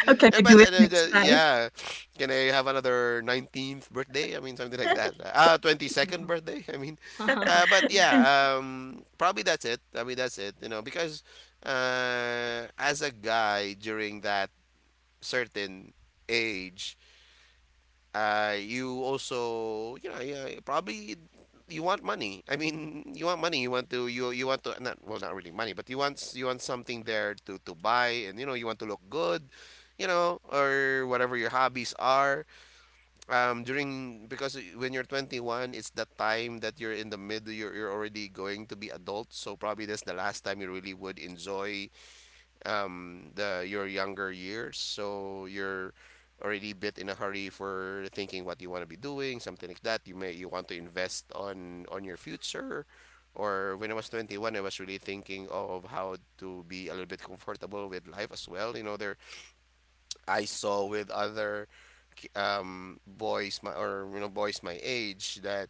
[SPEAKER 2] Okay,
[SPEAKER 3] yeah,
[SPEAKER 2] we
[SPEAKER 3] but
[SPEAKER 2] do it
[SPEAKER 3] uh,
[SPEAKER 2] next
[SPEAKER 3] the-
[SPEAKER 2] time.
[SPEAKER 3] yeah, can I have another nineteenth birthday? I mean, something like that. Uh, twenty-second birthday. I mean, uh but yeah, um probably that's it. I mean, that's it, you know, because uh as a guy during that certain age, uh, you also, you know, yeah, probably you want money. I mean, you want money. You want to, you you want to, not well, Not really money, but you want s- you want something there to to buy, and you know, you want to look good, you know, or whatever your hobbies are. Um, during because when you're twenty-one, it's the time that you're in the middle. You're you're already going to be adult, so probably that's the last time you really would enjoy um the your younger years, so you're already a bit in a hurry, for thinking what you want to be doing, something like that. You may, you want to invest on on your future. Or when I was twenty-one, I was really thinking of how to be a little bit comfortable with life as well, you know. There I saw with other um boys my, or you know boys my age, that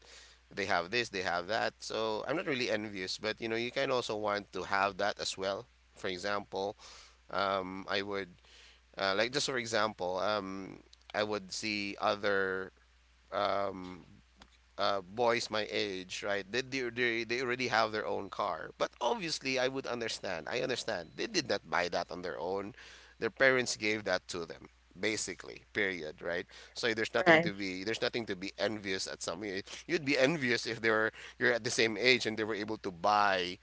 [SPEAKER 3] they have this, they have that, so I'm not really envious, but you know, you can also want to have that as well. For example, um, I would uh, like just for example, um, I would see other um, uh, boys my age, right? They, they they they already have their own car, but obviously I would understand. I understand they did not buy that on their own. Their parents gave that to them, basically. Period. Right. So there's nothing
[SPEAKER 2] Right.
[SPEAKER 3] to be there's nothing to be envious at some. You'd be envious if they were, you're at the same age and they were able to buy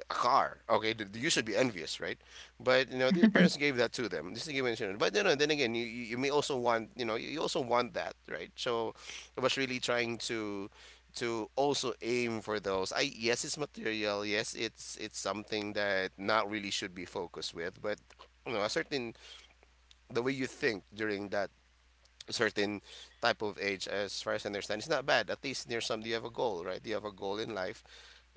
[SPEAKER 3] a car. Okay, th- you should be envious, right? But you know, the parents gave that to them. This is given to them. But you know, then again, you, you you may also want, you know, you also want that, right? So I was really trying to, to also aim for those. I, yes, it's material. Yes, it's it's something that not really should be focused with. But you know, a certain, the way you think during that certain type of age, as far as I understand, it's not bad. At least there's some, you have a goal, right? You have a goal in life,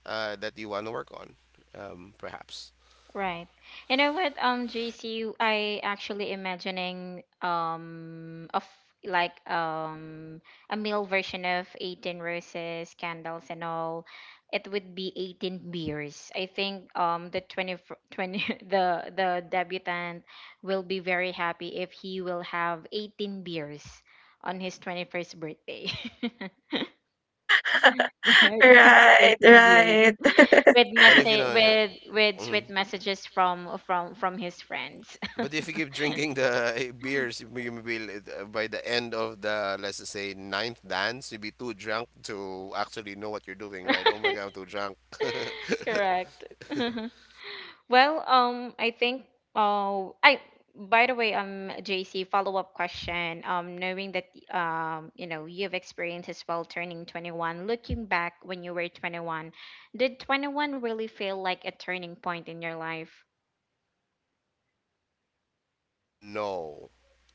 [SPEAKER 3] uh, that you want to work on, um, perhaps.
[SPEAKER 1] Right. You know what, um, J C, I actually imagining um of like um a male version of eighteen roses, candles and all. It would be eighteen beers. I think um the twenty, fr- twenty the the debutant will be very happy if he will have eighteen beers on his twenty-first birthday. Right.
[SPEAKER 2] Right,
[SPEAKER 1] eighteen beers,
[SPEAKER 2] right.
[SPEAKER 1] with
[SPEAKER 3] But if you
[SPEAKER 1] message
[SPEAKER 3] know, yeah.
[SPEAKER 1] with with
[SPEAKER 3] Mhm.
[SPEAKER 1] sweet messages from from from his friends.
[SPEAKER 3] But if you keep drinking the eh, beers, you may- you will, uh, by the end of the, let's just say, ninth dance, you'll be too drunk to actually know what you're doing, right? Oh my god, I'm too drunk.
[SPEAKER 1] Correct. Well, um, I think. Oh, I. By the way, um, J C, follow up question. Um, knowing that, um, you know, you've experienced as well turning twenty-one, looking back when you were twenty-one, did twenty-one really feel like a turning point in your life?
[SPEAKER 3] No,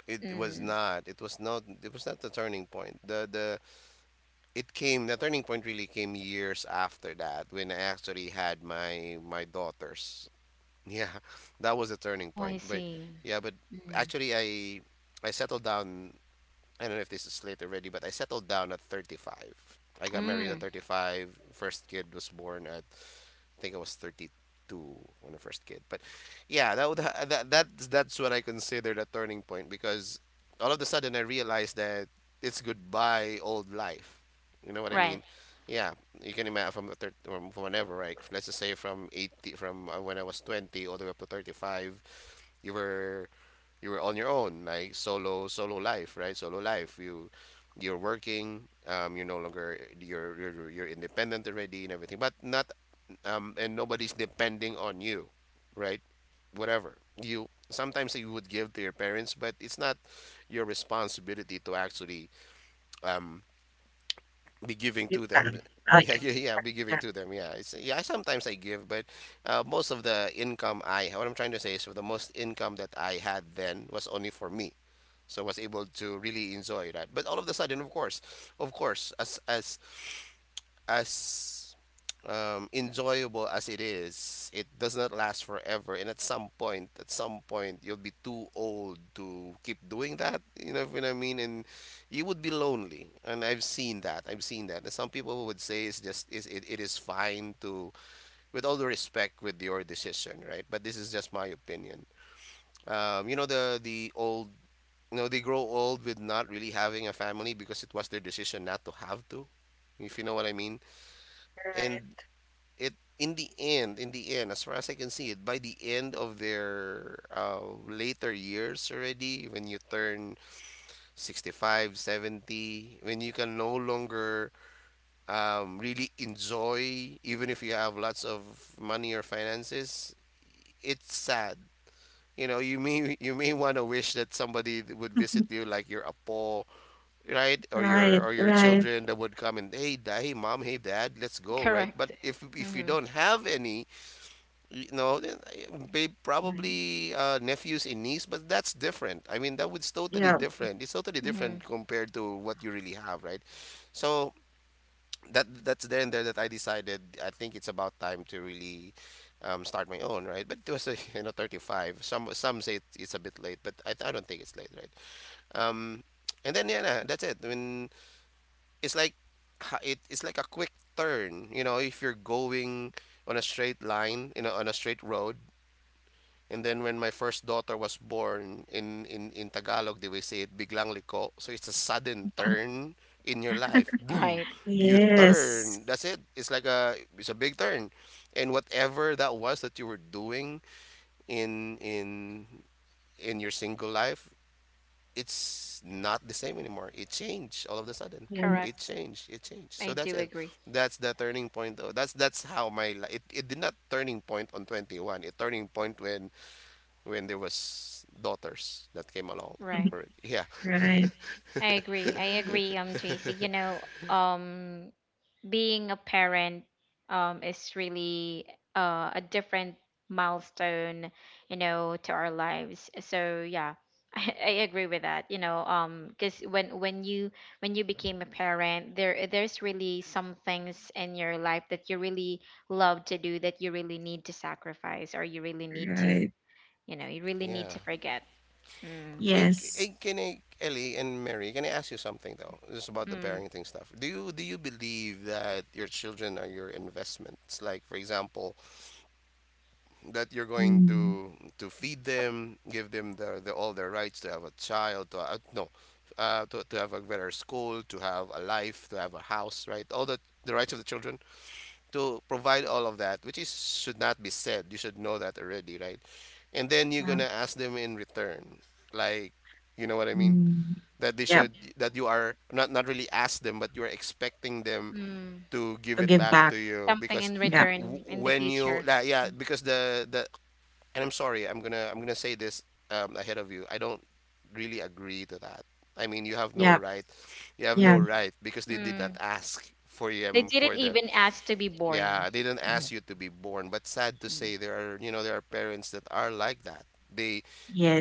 [SPEAKER 3] it was
[SPEAKER 1] Mm.
[SPEAKER 3] not. It was not. It was not the turning point. The the it came. The turning point really came years after that, when I actually had my my daughters. Yeah, that was a turning
[SPEAKER 1] Oh, I
[SPEAKER 3] point. But
[SPEAKER 1] see.
[SPEAKER 3] yeah, but
[SPEAKER 1] Mm.
[SPEAKER 3] actually, I I settled down. I don't know if this is late already, but I settled down at thirty-five. I got married at
[SPEAKER 1] Mm.
[SPEAKER 3] thirty-five. First kid was born at, think I was thirty-two when I first kid. But yeah, that would ha- that that's that's what I considered a turning point, because all of a sudden I realized that it's goodbye old life. You know what I
[SPEAKER 1] Right.
[SPEAKER 3] mean? Yeah, you can imagine from the thir- from from whenever, right? Let's just say from eighty, from uh, when I was twenty all the way up to thirty-five, you were you were on your own, like solo solo life, right? Solo life. You you're working, um, you're no longer, you're, you're you're independent already and everything, but not, um, and nobody's depending on you, right? Whatever you, sometimes you would give to your parents, but it's not your responsibility to actually, um, be giving
[SPEAKER 2] It's
[SPEAKER 3] to them.
[SPEAKER 2] fine. Oh,
[SPEAKER 3] Yeah,
[SPEAKER 2] yeah.
[SPEAKER 3] yeah, yeah, be giving
[SPEAKER 2] Yeah,
[SPEAKER 3] to them. Yeah, it's, yeah. Sometimes I give, but uh, most of the income I what I'm trying to say is the most income that I had then was only for me, so I was able to really enjoy that. But all of a sudden, of course, of course, as as as um, enjoyable as it is, it does not last forever. And at some point, at some point, you'll be too old to keep doing that. You know what I mean? And you would be lonely. And I've seen that. I've seen that. And some people would say it's just, is it, it is fine to, with all the respect, with your decision, right? But this is just my opinion. Um, you know, the the old, you know, they grow old with not really having a family, because it was their decision not to have to, if you know what I mean.
[SPEAKER 2] right.
[SPEAKER 3] And it, in the end, in the end, as far as I can see it, by the end of their uh, later years already, when you turn sixty-five, seventy, when you can no longer, um, really enjoy, even if you have lots of money or finances, it's sad. You know, you may you may want to wish that somebody would visit you, like your apo, right, or your,
[SPEAKER 2] Right,
[SPEAKER 3] or your
[SPEAKER 2] right,
[SPEAKER 3] children that would come and, hey, da- hey mom, hey dad, let's go, right.
[SPEAKER 1] Correct.
[SPEAKER 3] But if if you
[SPEAKER 1] Mm-hmm.
[SPEAKER 3] don't have any, you know, then I- babe,
[SPEAKER 2] right.
[SPEAKER 3] probably uh, nephews and niece, but that's different. I mean, that was totally
[SPEAKER 2] Yeah.
[SPEAKER 3] different. It's totally
[SPEAKER 1] Mm-hmm.
[SPEAKER 3] different compared to what you really have, right? So that, that's there and there that I decided. I think it's about time to really, um, start my own, right? But it was a, you know, thirty-five. Some some say it's it's a bit late, but I, I don't think it's late, right? Um, and then yeah, nah, that's it. I mean, it's like, ha- it, it's like a quick turn. You know, if you're going on a straight line, you know, on a straight road, and then when my first daughter was born, in, in in Tagalog, they will say it, biglang liko. So it's a sudden turn in your life. Boom.
[SPEAKER 1] Right.
[SPEAKER 3] You
[SPEAKER 2] Yes.
[SPEAKER 3] turn. That's it. It's like a, it's a big turn. And whatever that was that you were doing, in in in your single life, it's not the same anymore. It changed all of a sudden. It
[SPEAKER 1] Correct.
[SPEAKER 2] Yes.
[SPEAKER 3] changed. It changed.
[SPEAKER 1] I
[SPEAKER 3] So that's
[SPEAKER 1] do
[SPEAKER 3] it.
[SPEAKER 1] agree.
[SPEAKER 3] That's the turning point. Though. That's that's how my li- it, it did not turning point on twenty-one. It turning point when when there was daughters that came along
[SPEAKER 1] Right.
[SPEAKER 3] already. Yeah,
[SPEAKER 2] Right,
[SPEAKER 1] I agree. I agree, um, J C. You know, um, being a parent, um, is really uh, a different milestone, you know, to our lives. So yeah, I, I agree with that. You know, um, because when when you when you became a parent, there there's really some things in your life that you really love to do that you really need to sacrifice, or you really need to,
[SPEAKER 2] right.
[SPEAKER 1] you know, you really need
[SPEAKER 3] yeah.
[SPEAKER 1] to forget. Mm,
[SPEAKER 3] But
[SPEAKER 2] Yes.
[SPEAKER 3] can I, Ellie and Mary, can I ask you something though? Just about the
[SPEAKER 1] mm,
[SPEAKER 3] parenting stuff. Do you do you believe that your children are your investments? Like, for example, that you're going
[SPEAKER 2] Mm,
[SPEAKER 3] to to feed them, give them the, the all their rights to have a child, to uh, no, uh, to to have a better school, to have a life, to have a house, right? All the the rights of the children, to provide all of that, which is should not be said. You should know that already, right? And then you're
[SPEAKER 2] yeah.
[SPEAKER 3] gonna ask them in return, like, you know what I mean?
[SPEAKER 2] Mm.
[SPEAKER 3] That they
[SPEAKER 2] Yep,
[SPEAKER 3] should, that you are not, not really ask them, but you are expecting them
[SPEAKER 1] mm.
[SPEAKER 3] to give
[SPEAKER 2] to
[SPEAKER 3] it
[SPEAKER 2] give
[SPEAKER 3] back
[SPEAKER 2] back.
[SPEAKER 3] to you,
[SPEAKER 1] Something
[SPEAKER 3] because
[SPEAKER 1] in
[SPEAKER 2] Yep,
[SPEAKER 3] w-
[SPEAKER 1] return in the
[SPEAKER 3] when you,
[SPEAKER 1] future.
[SPEAKER 3] like, yeah, because the the and I'm sorry, I'm gonna I'm gonna say this, um, ahead of you. I don't really agree to that. I mean, you have no
[SPEAKER 2] yep,
[SPEAKER 3] right. You have no
[SPEAKER 2] yeah,
[SPEAKER 3] right, because they did not
[SPEAKER 1] Mm.
[SPEAKER 3] ask for
[SPEAKER 1] They
[SPEAKER 3] them for
[SPEAKER 1] didn't
[SPEAKER 3] the.
[SPEAKER 1] even ask to be born.
[SPEAKER 3] Yeah, they didn't ask you to be born. But sad to
[SPEAKER 1] Mm.
[SPEAKER 3] say, there are, you know, there are parents that are like that. They,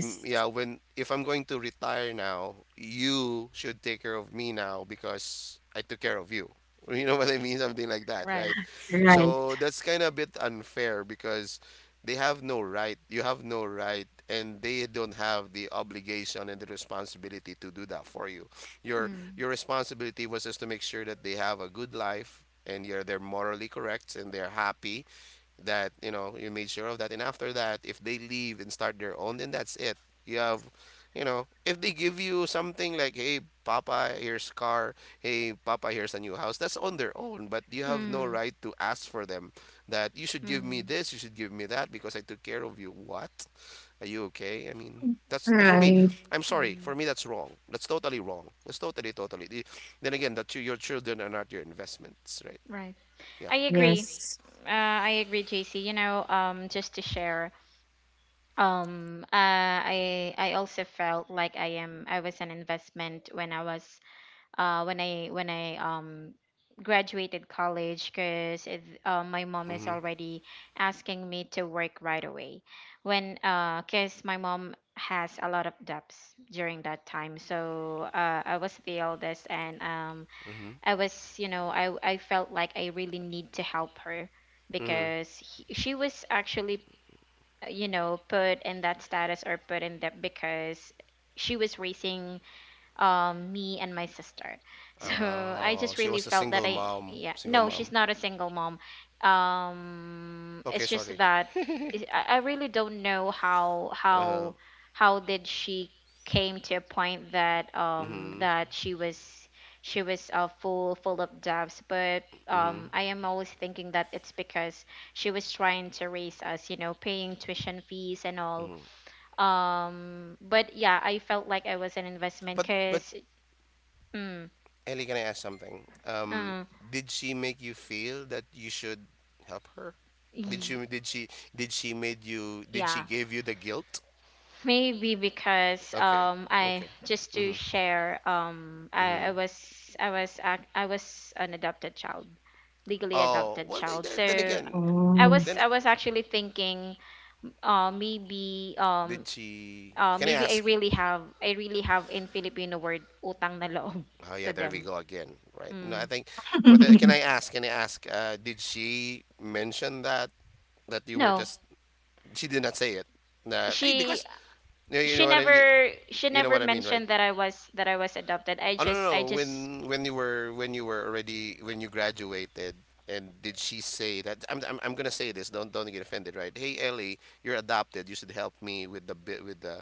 [SPEAKER 3] mm, yeah, when, if I'm going to retire now, you should take care of me now, because I took care of you, you know what I mean, something like that, right?
[SPEAKER 1] Right.
[SPEAKER 2] Right,
[SPEAKER 3] So that's kind of a bit unfair, because they have no right, you have no right, and they don't have the obligation and the responsibility to do that for you. your
[SPEAKER 1] Mm.
[SPEAKER 3] your responsibility was just to make sure that they have a good life, and you're, they're morally correct and they're happy, that, you know, you made sure of that. And after that, if they leave and start their own, then that's it. You have, you know, if they give you something, like, hey papa, here's car, hey papa, here's a new house, that's on their own. But you have no
[SPEAKER 1] Mm.
[SPEAKER 3] right to ask for them, that you should give me
[SPEAKER 1] Mm.
[SPEAKER 3] this, you should give me that, because I took care of you, what are you, okay, I mean, that's for me,
[SPEAKER 2] right,
[SPEAKER 3] I'm sorry, for
[SPEAKER 1] Mm.
[SPEAKER 3] me, that's wrong. That's totally wrong. That's totally totally The- then again, that you, your children are not your investments, right?
[SPEAKER 1] Right.
[SPEAKER 3] Yeah.
[SPEAKER 1] I agree.
[SPEAKER 2] yes.
[SPEAKER 1] Uh, I agree, J C. You know, um, just to share, um, uh, I I also felt like I am I was an investment when I was uh, when I when I um graduated college, because uh, my mom is
[SPEAKER 3] Mm-hmm.
[SPEAKER 1] already asking me to work right away when, uh because my mom has a lot of debts during that time. So uh, I was the eldest, and um
[SPEAKER 3] Mm-hmm.
[SPEAKER 1] I was you know I I felt like I really need to help her,
[SPEAKER 3] Mm-hmm.
[SPEAKER 1] because he, she was actually, uh, you know, put in that status or put in debt, because she was raising um me and my sister. So I
[SPEAKER 3] Oh,
[SPEAKER 1] just
[SPEAKER 3] she
[SPEAKER 1] really
[SPEAKER 3] was a
[SPEAKER 1] felt that
[SPEAKER 3] single
[SPEAKER 1] I
[SPEAKER 3] mom.
[SPEAKER 1] yeah,
[SPEAKER 3] Single
[SPEAKER 1] no,
[SPEAKER 3] mom.
[SPEAKER 1] she's not a single mom, um
[SPEAKER 3] Okay,
[SPEAKER 1] it's just
[SPEAKER 3] sorry.
[SPEAKER 1] that is- i I really don't know how
[SPEAKER 3] Uh-huh.
[SPEAKER 1] how how did she came to a point that, um
[SPEAKER 3] Mm-hmm.
[SPEAKER 1] that she was, she was uh, full full of doubts. But
[SPEAKER 3] Mm-hmm.
[SPEAKER 1] um I am always thinking that it's because she was trying to raise us, you know, paying tuition fees and all,
[SPEAKER 3] Mm-hmm.
[SPEAKER 1] um but yeah, I felt like I was an investment
[SPEAKER 3] But but
[SPEAKER 1] because. Mm,
[SPEAKER 3] Ellie, can I ask something? Um,
[SPEAKER 1] uh,
[SPEAKER 3] did she make you feel that you should help her? Did she
[SPEAKER 1] y
[SPEAKER 3] did she did she made you did she
[SPEAKER 1] yeah,
[SPEAKER 3] give you the guilt?
[SPEAKER 1] maybe because,
[SPEAKER 3] Okay.
[SPEAKER 1] um I
[SPEAKER 3] Okay.
[SPEAKER 1] just to
[SPEAKER 3] Mm-hmm.
[SPEAKER 1] share, um
[SPEAKER 3] Mm-hmm.
[SPEAKER 1] I, I was I was ac- I was an adopted child, legally
[SPEAKER 3] Oh,
[SPEAKER 1] adopted
[SPEAKER 3] well, th-
[SPEAKER 1] child.
[SPEAKER 3] th- then
[SPEAKER 1] So
[SPEAKER 3] again,
[SPEAKER 1] I
[SPEAKER 2] Oh.
[SPEAKER 1] was
[SPEAKER 3] then
[SPEAKER 1] I was actually thinking uh maybe um
[SPEAKER 3] did she?
[SPEAKER 1] uh
[SPEAKER 3] Can I
[SPEAKER 1] maybe I
[SPEAKER 3] ask?
[SPEAKER 1] really have I really have, in Filipino word, utang na loob,
[SPEAKER 3] Oh
[SPEAKER 1] to
[SPEAKER 3] yeah, there we
[SPEAKER 1] them.
[SPEAKER 3] go again, right? No, I
[SPEAKER 1] Mm.
[SPEAKER 3] think. Whether can I ask? Can I ask? Uh, did she mention that that you were
[SPEAKER 1] No,
[SPEAKER 3] just? She did not say it. That hey,
[SPEAKER 1] she
[SPEAKER 3] because you you
[SPEAKER 1] she
[SPEAKER 3] know what I mean.
[SPEAKER 1] never she
[SPEAKER 3] You know
[SPEAKER 1] never
[SPEAKER 3] what I mean, right?
[SPEAKER 1] mentioned that I was that I was adopted. I
[SPEAKER 3] Oh no, no,
[SPEAKER 1] just,
[SPEAKER 3] no.
[SPEAKER 1] I just.
[SPEAKER 3] When when you were when you were already when you graduated, and did she say that? I'm I'm, I'm gonna say this. Don't don't get offended, right? Hey Ellie, you're adopted. You should help me with the bit with the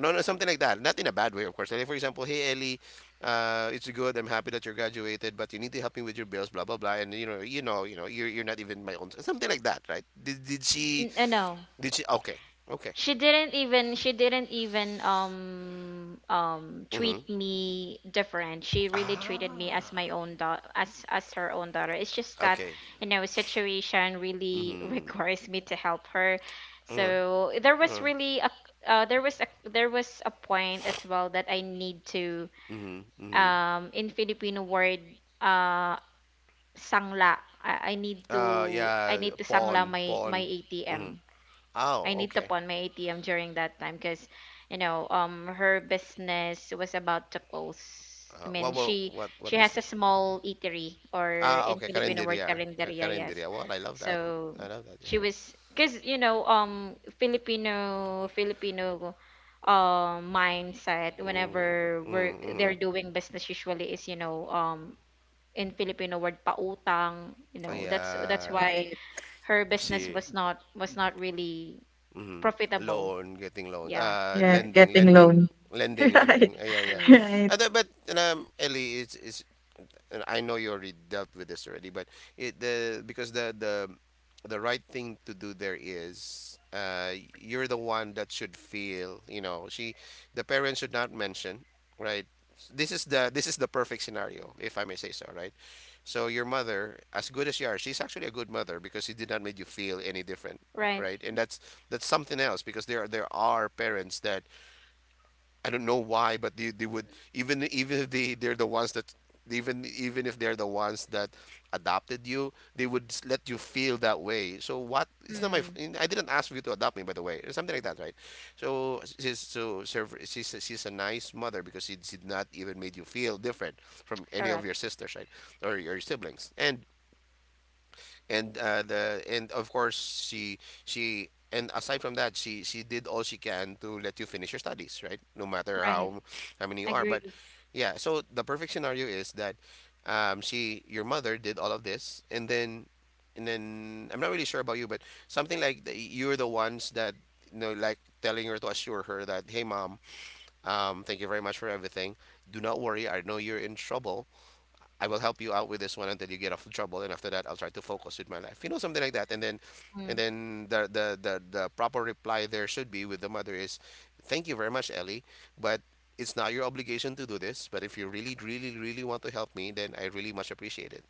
[SPEAKER 3] No, no, something like that. Not in a bad way, of course. Like, for example, hey, Ellie, uh, it's good. I'm happy that you are graduated, but you need to help me with your bills, blah blah blah. And you know, you know, you know, you're you're not even my own. Something like that, right? Did did she?
[SPEAKER 1] N- uh, no,
[SPEAKER 3] Did she? Okay, okay.
[SPEAKER 1] she didn't even she didn't even um um
[SPEAKER 3] Mm-hmm.
[SPEAKER 1] treat me different. She really treated me as
[SPEAKER 3] Ah,
[SPEAKER 1] my own daughter, as as her own daughter. It's just that,
[SPEAKER 3] okay.
[SPEAKER 1] you know, situation really
[SPEAKER 3] Mm-hmm.
[SPEAKER 1] requires me to help her.
[SPEAKER 3] Mm-hmm.
[SPEAKER 1] So there was
[SPEAKER 3] Uh,
[SPEAKER 1] really a, uh, there was a, there was a point as well that I need to,
[SPEAKER 3] mm-hmm. Mm-hmm.
[SPEAKER 1] um in Filipino word, uh sangla, I, I need to,
[SPEAKER 3] Uh,
[SPEAKER 1] I
[SPEAKER 3] yeah,
[SPEAKER 1] need to sangla
[SPEAKER 3] pawn,
[SPEAKER 1] my my
[SPEAKER 3] pawn. Mm-hmm.
[SPEAKER 1] A T M, I
[SPEAKER 3] Oh,
[SPEAKER 1] need to
[SPEAKER 3] okay.
[SPEAKER 1] pawn my A T M during that time, because, you know, um, her business was about to close. I
[SPEAKER 3] Uh,
[SPEAKER 1] mean,
[SPEAKER 3] what, what
[SPEAKER 1] she
[SPEAKER 3] what
[SPEAKER 1] she
[SPEAKER 3] what
[SPEAKER 1] has a
[SPEAKER 3] business?
[SPEAKER 1] small eatery, or
[SPEAKER 3] Ah,
[SPEAKER 1] in
[SPEAKER 3] okay,
[SPEAKER 1] Filipino word,
[SPEAKER 3] Carinderia. Ca-
[SPEAKER 1] karinderya, yes.
[SPEAKER 3] Carinderia. Well, I love that.
[SPEAKER 1] So
[SPEAKER 3] I love that.
[SPEAKER 1] she
[SPEAKER 3] Yeah.
[SPEAKER 1] was, because you know, um Filipino Filipino um, mindset
[SPEAKER 3] Mm,
[SPEAKER 1] whenever we're
[SPEAKER 3] mm,
[SPEAKER 1] they're
[SPEAKER 3] mm.
[SPEAKER 1] doing business usually is, you know, um in Filipino word, pautang, you
[SPEAKER 3] Oh,
[SPEAKER 1] know, that's that's
[SPEAKER 3] yeah.
[SPEAKER 1] why
[SPEAKER 2] Right.
[SPEAKER 1] her business
[SPEAKER 3] See.
[SPEAKER 1] was not was not really
[SPEAKER 3] Mm.
[SPEAKER 1] profitable.
[SPEAKER 3] Loan, getting loan.
[SPEAKER 1] Yeah,
[SPEAKER 3] Uh,
[SPEAKER 2] Yeah,
[SPEAKER 1] right.
[SPEAKER 3] lending,
[SPEAKER 2] getting
[SPEAKER 3] lending,
[SPEAKER 2] loan.
[SPEAKER 3] lending,
[SPEAKER 2] Right,
[SPEAKER 3] lending. Uh, yeah, yeah.
[SPEAKER 1] Mm,
[SPEAKER 2] right,
[SPEAKER 3] Uh, that- but um, Ellie, it's it's and I know you already dealt with this already, but it the because the the the right thing to do there is uh you're the one that should feel, you know, she the parents should not mention, right? This is the this is the perfect scenario, if I may say so, right? So your mother, as good as you are, she's actually a good mother because she did not make you feel any different,
[SPEAKER 1] right.
[SPEAKER 3] right? And that's that's something else because there are, there are parents that I don't know why, but they, they would even even if they they're the ones that even even if they're the ones that adopted you, they would s- let you feel that way. So what? It's not my. f-
[SPEAKER 1] Mm,
[SPEAKER 3] I didn't ask you to adopt me, by the way, or something like that, right? So she's so serv- she's she's a nice mother because she did not even made you feel different from any of
[SPEAKER 1] correct.
[SPEAKER 3] your sisters, right, or your siblings, and and uh, the and of course she she and aside from that she she did all she can to let you finish your studies right no matter
[SPEAKER 1] Right.
[SPEAKER 3] how how many you are but
[SPEAKER 1] Agree.
[SPEAKER 3] yeah so the perfect scenario is that um, she your mother did all of this and then and then I'm not really sure about you but something like the, you're the ones that you know like telling her to assure her that hey mom, um, thank you very much for everything, do not worry, I know you're in trouble, I will help you out with this one until you get off the trouble, and after that, I'll try to focus with my life. You know, something like that. And then, and
[SPEAKER 1] Mm,
[SPEAKER 3] then the the the, the proper reply there should be with the mother is, "Thank you very much, Ellie, but it's not your obligation to do this. But if you really, really, really want to help me, then I really much appreciate it."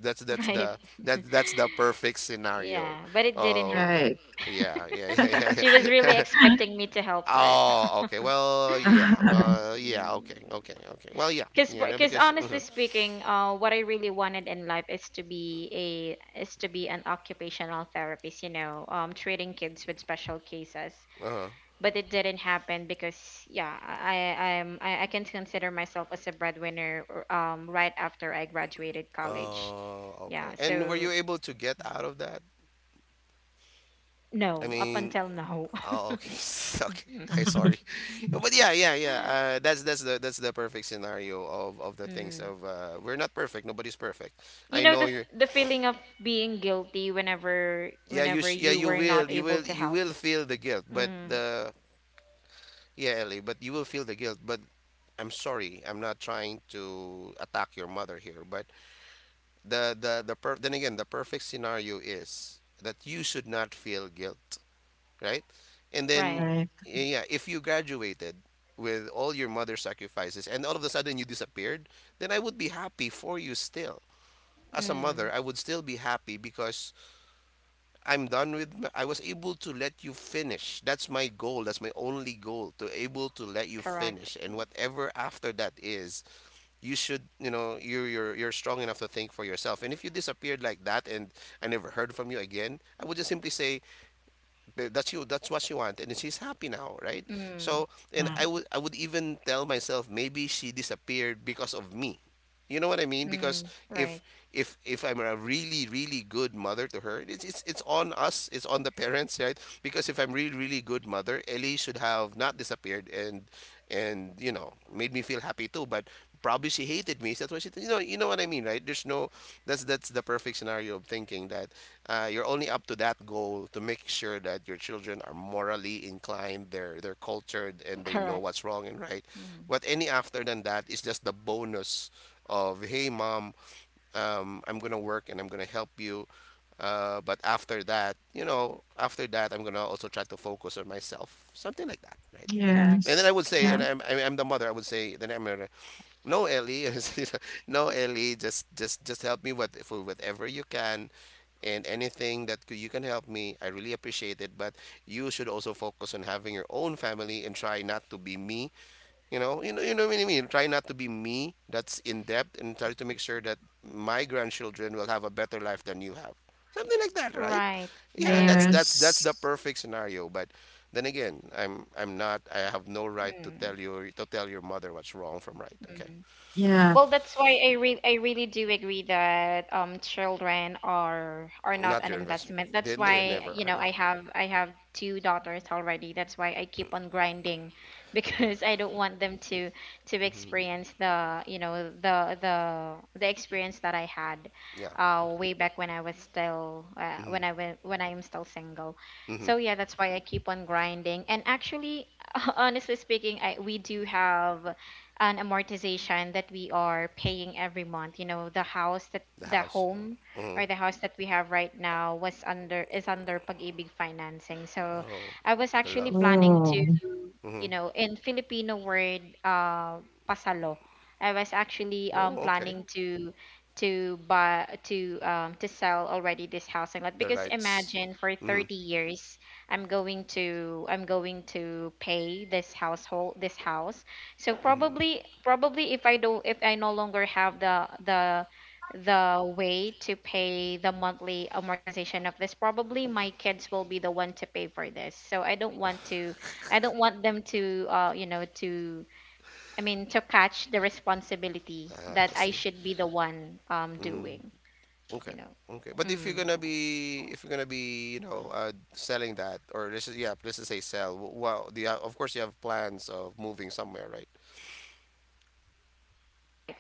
[SPEAKER 3] That's that's
[SPEAKER 1] right.
[SPEAKER 3] the that that's the perfect scenario.
[SPEAKER 1] Yeah, but it didn't
[SPEAKER 3] Oh
[SPEAKER 1] happen.
[SPEAKER 2] right.
[SPEAKER 3] yeah yeah yeah yeah.
[SPEAKER 1] She was really
[SPEAKER 3] Yeah.
[SPEAKER 1] expecting me to help her.
[SPEAKER 3] Oh, okay. Well, yeah.
[SPEAKER 1] Right.
[SPEAKER 3] Well, yeah. Okay. Okay. Okay. Well, yeah.
[SPEAKER 1] Because
[SPEAKER 3] Yeah. No,
[SPEAKER 1] because
[SPEAKER 3] because
[SPEAKER 1] honestly
[SPEAKER 3] uh-huh,
[SPEAKER 1] speaking, uh, what I really wanted in life is to be a is to be an occupational therapist, you know, um, treating kids with special cases.
[SPEAKER 3] uh-huh.
[SPEAKER 1] But it didn't happen, because yeah, i i'm i, I can consider myself as a breadwinner, or, um right after I graduated college.
[SPEAKER 3] Oh, okay.
[SPEAKER 1] Yeah, so
[SPEAKER 3] And were you able to get out of that? I
[SPEAKER 1] no, up
[SPEAKER 3] mean,
[SPEAKER 1] until now.
[SPEAKER 3] oh, okay, okay. I sorry, but yeah, yeah, yeah. Uh, that's that's the that's the perfect scenario of of the things
[SPEAKER 1] Mm.
[SPEAKER 3] of uh, we're not perfect. Nobody's perfect.
[SPEAKER 1] You
[SPEAKER 3] I
[SPEAKER 1] know the
[SPEAKER 3] know
[SPEAKER 1] f-
[SPEAKER 3] you're.
[SPEAKER 1] the feeling of being guilty whenever,
[SPEAKER 3] Yeah, you
[SPEAKER 1] whenever
[SPEAKER 3] sh- yeah
[SPEAKER 1] you
[SPEAKER 3] you
[SPEAKER 1] were
[SPEAKER 3] will
[SPEAKER 1] not
[SPEAKER 3] you
[SPEAKER 1] able
[SPEAKER 3] will
[SPEAKER 1] to
[SPEAKER 3] you
[SPEAKER 1] help.
[SPEAKER 3] will feel the guilt, but
[SPEAKER 1] Mm,
[SPEAKER 3] the yeah Ellie, but you will feel the guilt. But I'm sorry, I'm not trying to attack your mother here. But the the the per- then again, the perfect scenario is that you should not feel guilt, right? And then,
[SPEAKER 1] right.
[SPEAKER 2] Right.
[SPEAKER 3] yeah, if you graduated with all your mother's sacrifices and all of a sudden you disappeared, then I would be happy for you still. As a
[SPEAKER 1] Mm,
[SPEAKER 3] mother, I would still be happy because I'm done with, I was able to let you finish. That's my goal. That's my only goal to able to let you
[SPEAKER 1] correct.
[SPEAKER 3] finish. And whatever after that is, you should, you know, you're, you're, you're strong enough to think for yourself. And if you disappeared like that and I never heard from you again, I would just simply say, Th- That's you. That's what she wanted, and she's happy now, right?
[SPEAKER 1] Mm,
[SPEAKER 3] So, and I
[SPEAKER 2] Mm.
[SPEAKER 3] would I would even tell myself maybe she disappeared because of me. You know what I mean? Because
[SPEAKER 1] mm,
[SPEAKER 3] if
[SPEAKER 1] right.
[SPEAKER 3] if if I'm a really really good mother to her, it's it's, it's on us. It's on the parents, right? Because if I'm really really good mother, Ellie should have not disappeared and and you know made me feel happy too. But probably she hated me. So that's why she you know you know what I mean, right? There's no that's that's the perfect scenario of thinking that uh, you're only up to that goal to make sure that your children are morally inclined, they're they're cultured, and they know
[SPEAKER 1] Correct.
[SPEAKER 3] what's wrong and right.
[SPEAKER 1] Mm,
[SPEAKER 3] What any after than that is just the bonus of hey mom, um, I'm gonna work and I'm gonna help you. Uh, but after that, you know, after that, I'm gonna also try to focus on myself, something like that, right?
[SPEAKER 1] correct.
[SPEAKER 3] And then I
[SPEAKER 2] Yes.
[SPEAKER 3] would say, and
[SPEAKER 2] Yeah.
[SPEAKER 1] Right.
[SPEAKER 3] I'm I'm I'm the mother. I would say, then I'm gonna no, Ellie. No, Ellie. Just, just, just help me with for whatever you can, and anything that c- you can help me. I really appreciate it. But you should also focus on having your own family and try not to be me. You know, you know, you know what I mean. Try not to be me. That's in depth, and try to make sure that my grandchildren will have a better life than you have. Something like that, right?
[SPEAKER 1] Right. I
[SPEAKER 3] Yeah, that's
[SPEAKER 1] agree.
[SPEAKER 3] that's that's the
[SPEAKER 2] Yes.
[SPEAKER 3] perfect scenario. But then again, I'm I'm not. I have no right to
[SPEAKER 1] Mm,
[SPEAKER 3] tell your to tell your mother what's wrong from right. Okay.
[SPEAKER 1] mm.
[SPEAKER 2] Yeah.
[SPEAKER 1] Well, that's why I re I really do agree that um children are are not
[SPEAKER 3] Not
[SPEAKER 1] an
[SPEAKER 3] your investment.
[SPEAKER 1] investment.
[SPEAKER 3] They,
[SPEAKER 1] That's
[SPEAKER 3] they never
[SPEAKER 1] why, you
[SPEAKER 3] are.
[SPEAKER 1] know,
[SPEAKER 3] Yeah,
[SPEAKER 1] I have I have two daughters already. That's why I keep on grinding because I don't want them to to experience the, you know, the the the experience that I had
[SPEAKER 3] yeah.
[SPEAKER 1] uh way back when I was still uh,
[SPEAKER 3] Mm-hmm.
[SPEAKER 1] when I wa- when I am still single.
[SPEAKER 3] Mm-hmm.
[SPEAKER 1] So yeah, that's why I keep on grinding. And actually, honestly speaking, I we do have an amortization that we are paying every month. You know, the house that
[SPEAKER 3] The
[SPEAKER 1] the
[SPEAKER 3] house.
[SPEAKER 1] home
[SPEAKER 3] Uh, hmm.
[SPEAKER 1] or the house that we have right now was under, is under pag-ibig financing. So
[SPEAKER 3] Oh,
[SPEAKER 1] I was
[SPEAKER 3] the
[SPEAKER 1] actually
[SPEAKER 3] love.
[SPEAKER 1] planning to,
[SPEAKER 2] Oh.
[SPEAKER 3] Mm-hmm.
[SPEAKER 1] you know, in Filipino word, uh, pasalo. I was actually um
[SPEAKER 3] Oh, okay.
[SPEAKER 1] planning to to buy to um to sell already this house and lot,
[SPEAKER 3] The
[SPEAKER 1] because
[SPEAKER 3] rights.
[SPEAKER 1] imagine, for
[SPEAKER 3] Mm-hmm.
[SPEAKER 1] thirty years I'm going to, I'm going to pay this household this house. So,
[SPEAKER 3] Mm-hmm.
[SPEAKER 1] probably probably, if I don't, if I no longer have the the the way to pay the monthly amortization of this, probably my kids will be the one to pay for this. So I don't want to, I don't want them to, uh you know to I mean, to catch the responsibility
[SPEAKER 3] Ah,
[SPEAKER 1] that
[SPEAKER 3] I
[SPEAKER 1] I
[SPEAKER 3] see.
[SPEAKER 1] should be the one um
[SPEAKER 3] Mm.
[SPEAKER 1] doing, you
[SPEAKER 3] Okay.
[SPEAKER 1] know.
[SPEAKER 3] Okay. But if you're
[SPEAKER 1] Mm,
[SPEAKER 3] gonna be, if you're gonna be, you know, uh, selling that, or this is yeah, let's just say sell. w- Well, the uh, of course you have plans of moving somewhere, right?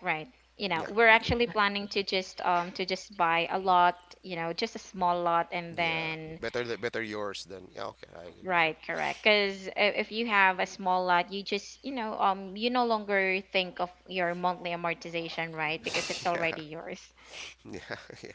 [SPEAKER 1] right. You know,
[SPEAKER 3] Yeah.
[SPEAKER 1] we're
[SPEAKER 3] Okay.
[SPEAKER 1] actually planning to just um to just buy a lot, you know, just a small lot, and
[SPEAKER 3] Yeah.
[SPEAKER 1] then.
[SPEAKER 3] Better the better yours than yeah. Okay, I agree.
[SPEAKER 1] Right, correct. Because if you have a small lot, you just, you know, um, you no longer think of your monthly amortization, right? Because it's
[SPEAKER 3] Yeah.
[SPEAKER 1] already yours.
[SPEAKER 3] Yeah.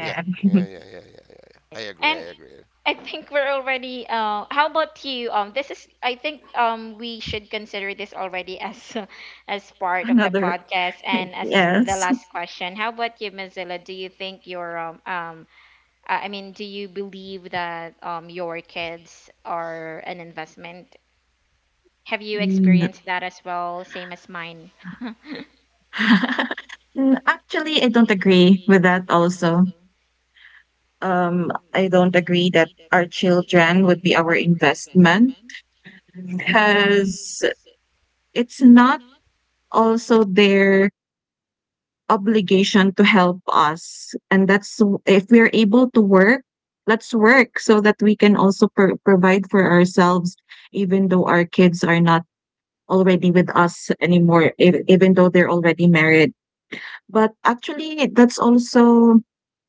[SPEAKER 3] Yeah. Yeah. Yeah. Yeah. Yeah. Yeah. Yeah. I agree.
[SPEAKER 1] And
[SPEAKER 3] I agree.
[SPEAKER 1] I think we're already. Uh, how about you? Um, this is. I think, um, we should consider this already as as part of the
[SPEAKER 2] Another.
[SPEAKER 1] podcast and as the
[SPEAKER 2] Yes.
[SPEAKER 1] last question. How about you, Mozilla? Do you think your um um I I mean, do you believe that um your kids are an investment? Have you
[SPEAKER 2] Mm.
[SPEAKER 1] experienced that as well, same as mine?
[SPEAKER 2] Mm, actually, I don't agree with that also. Um, I don't agree that our children would be our investment, because it's not also their obligation to help us. And that's, if we are able to work, let's work so that we can also pro- provide for ourselves, even though our kids are not already with us anymore, ev- even though they're already married. But actually, that's also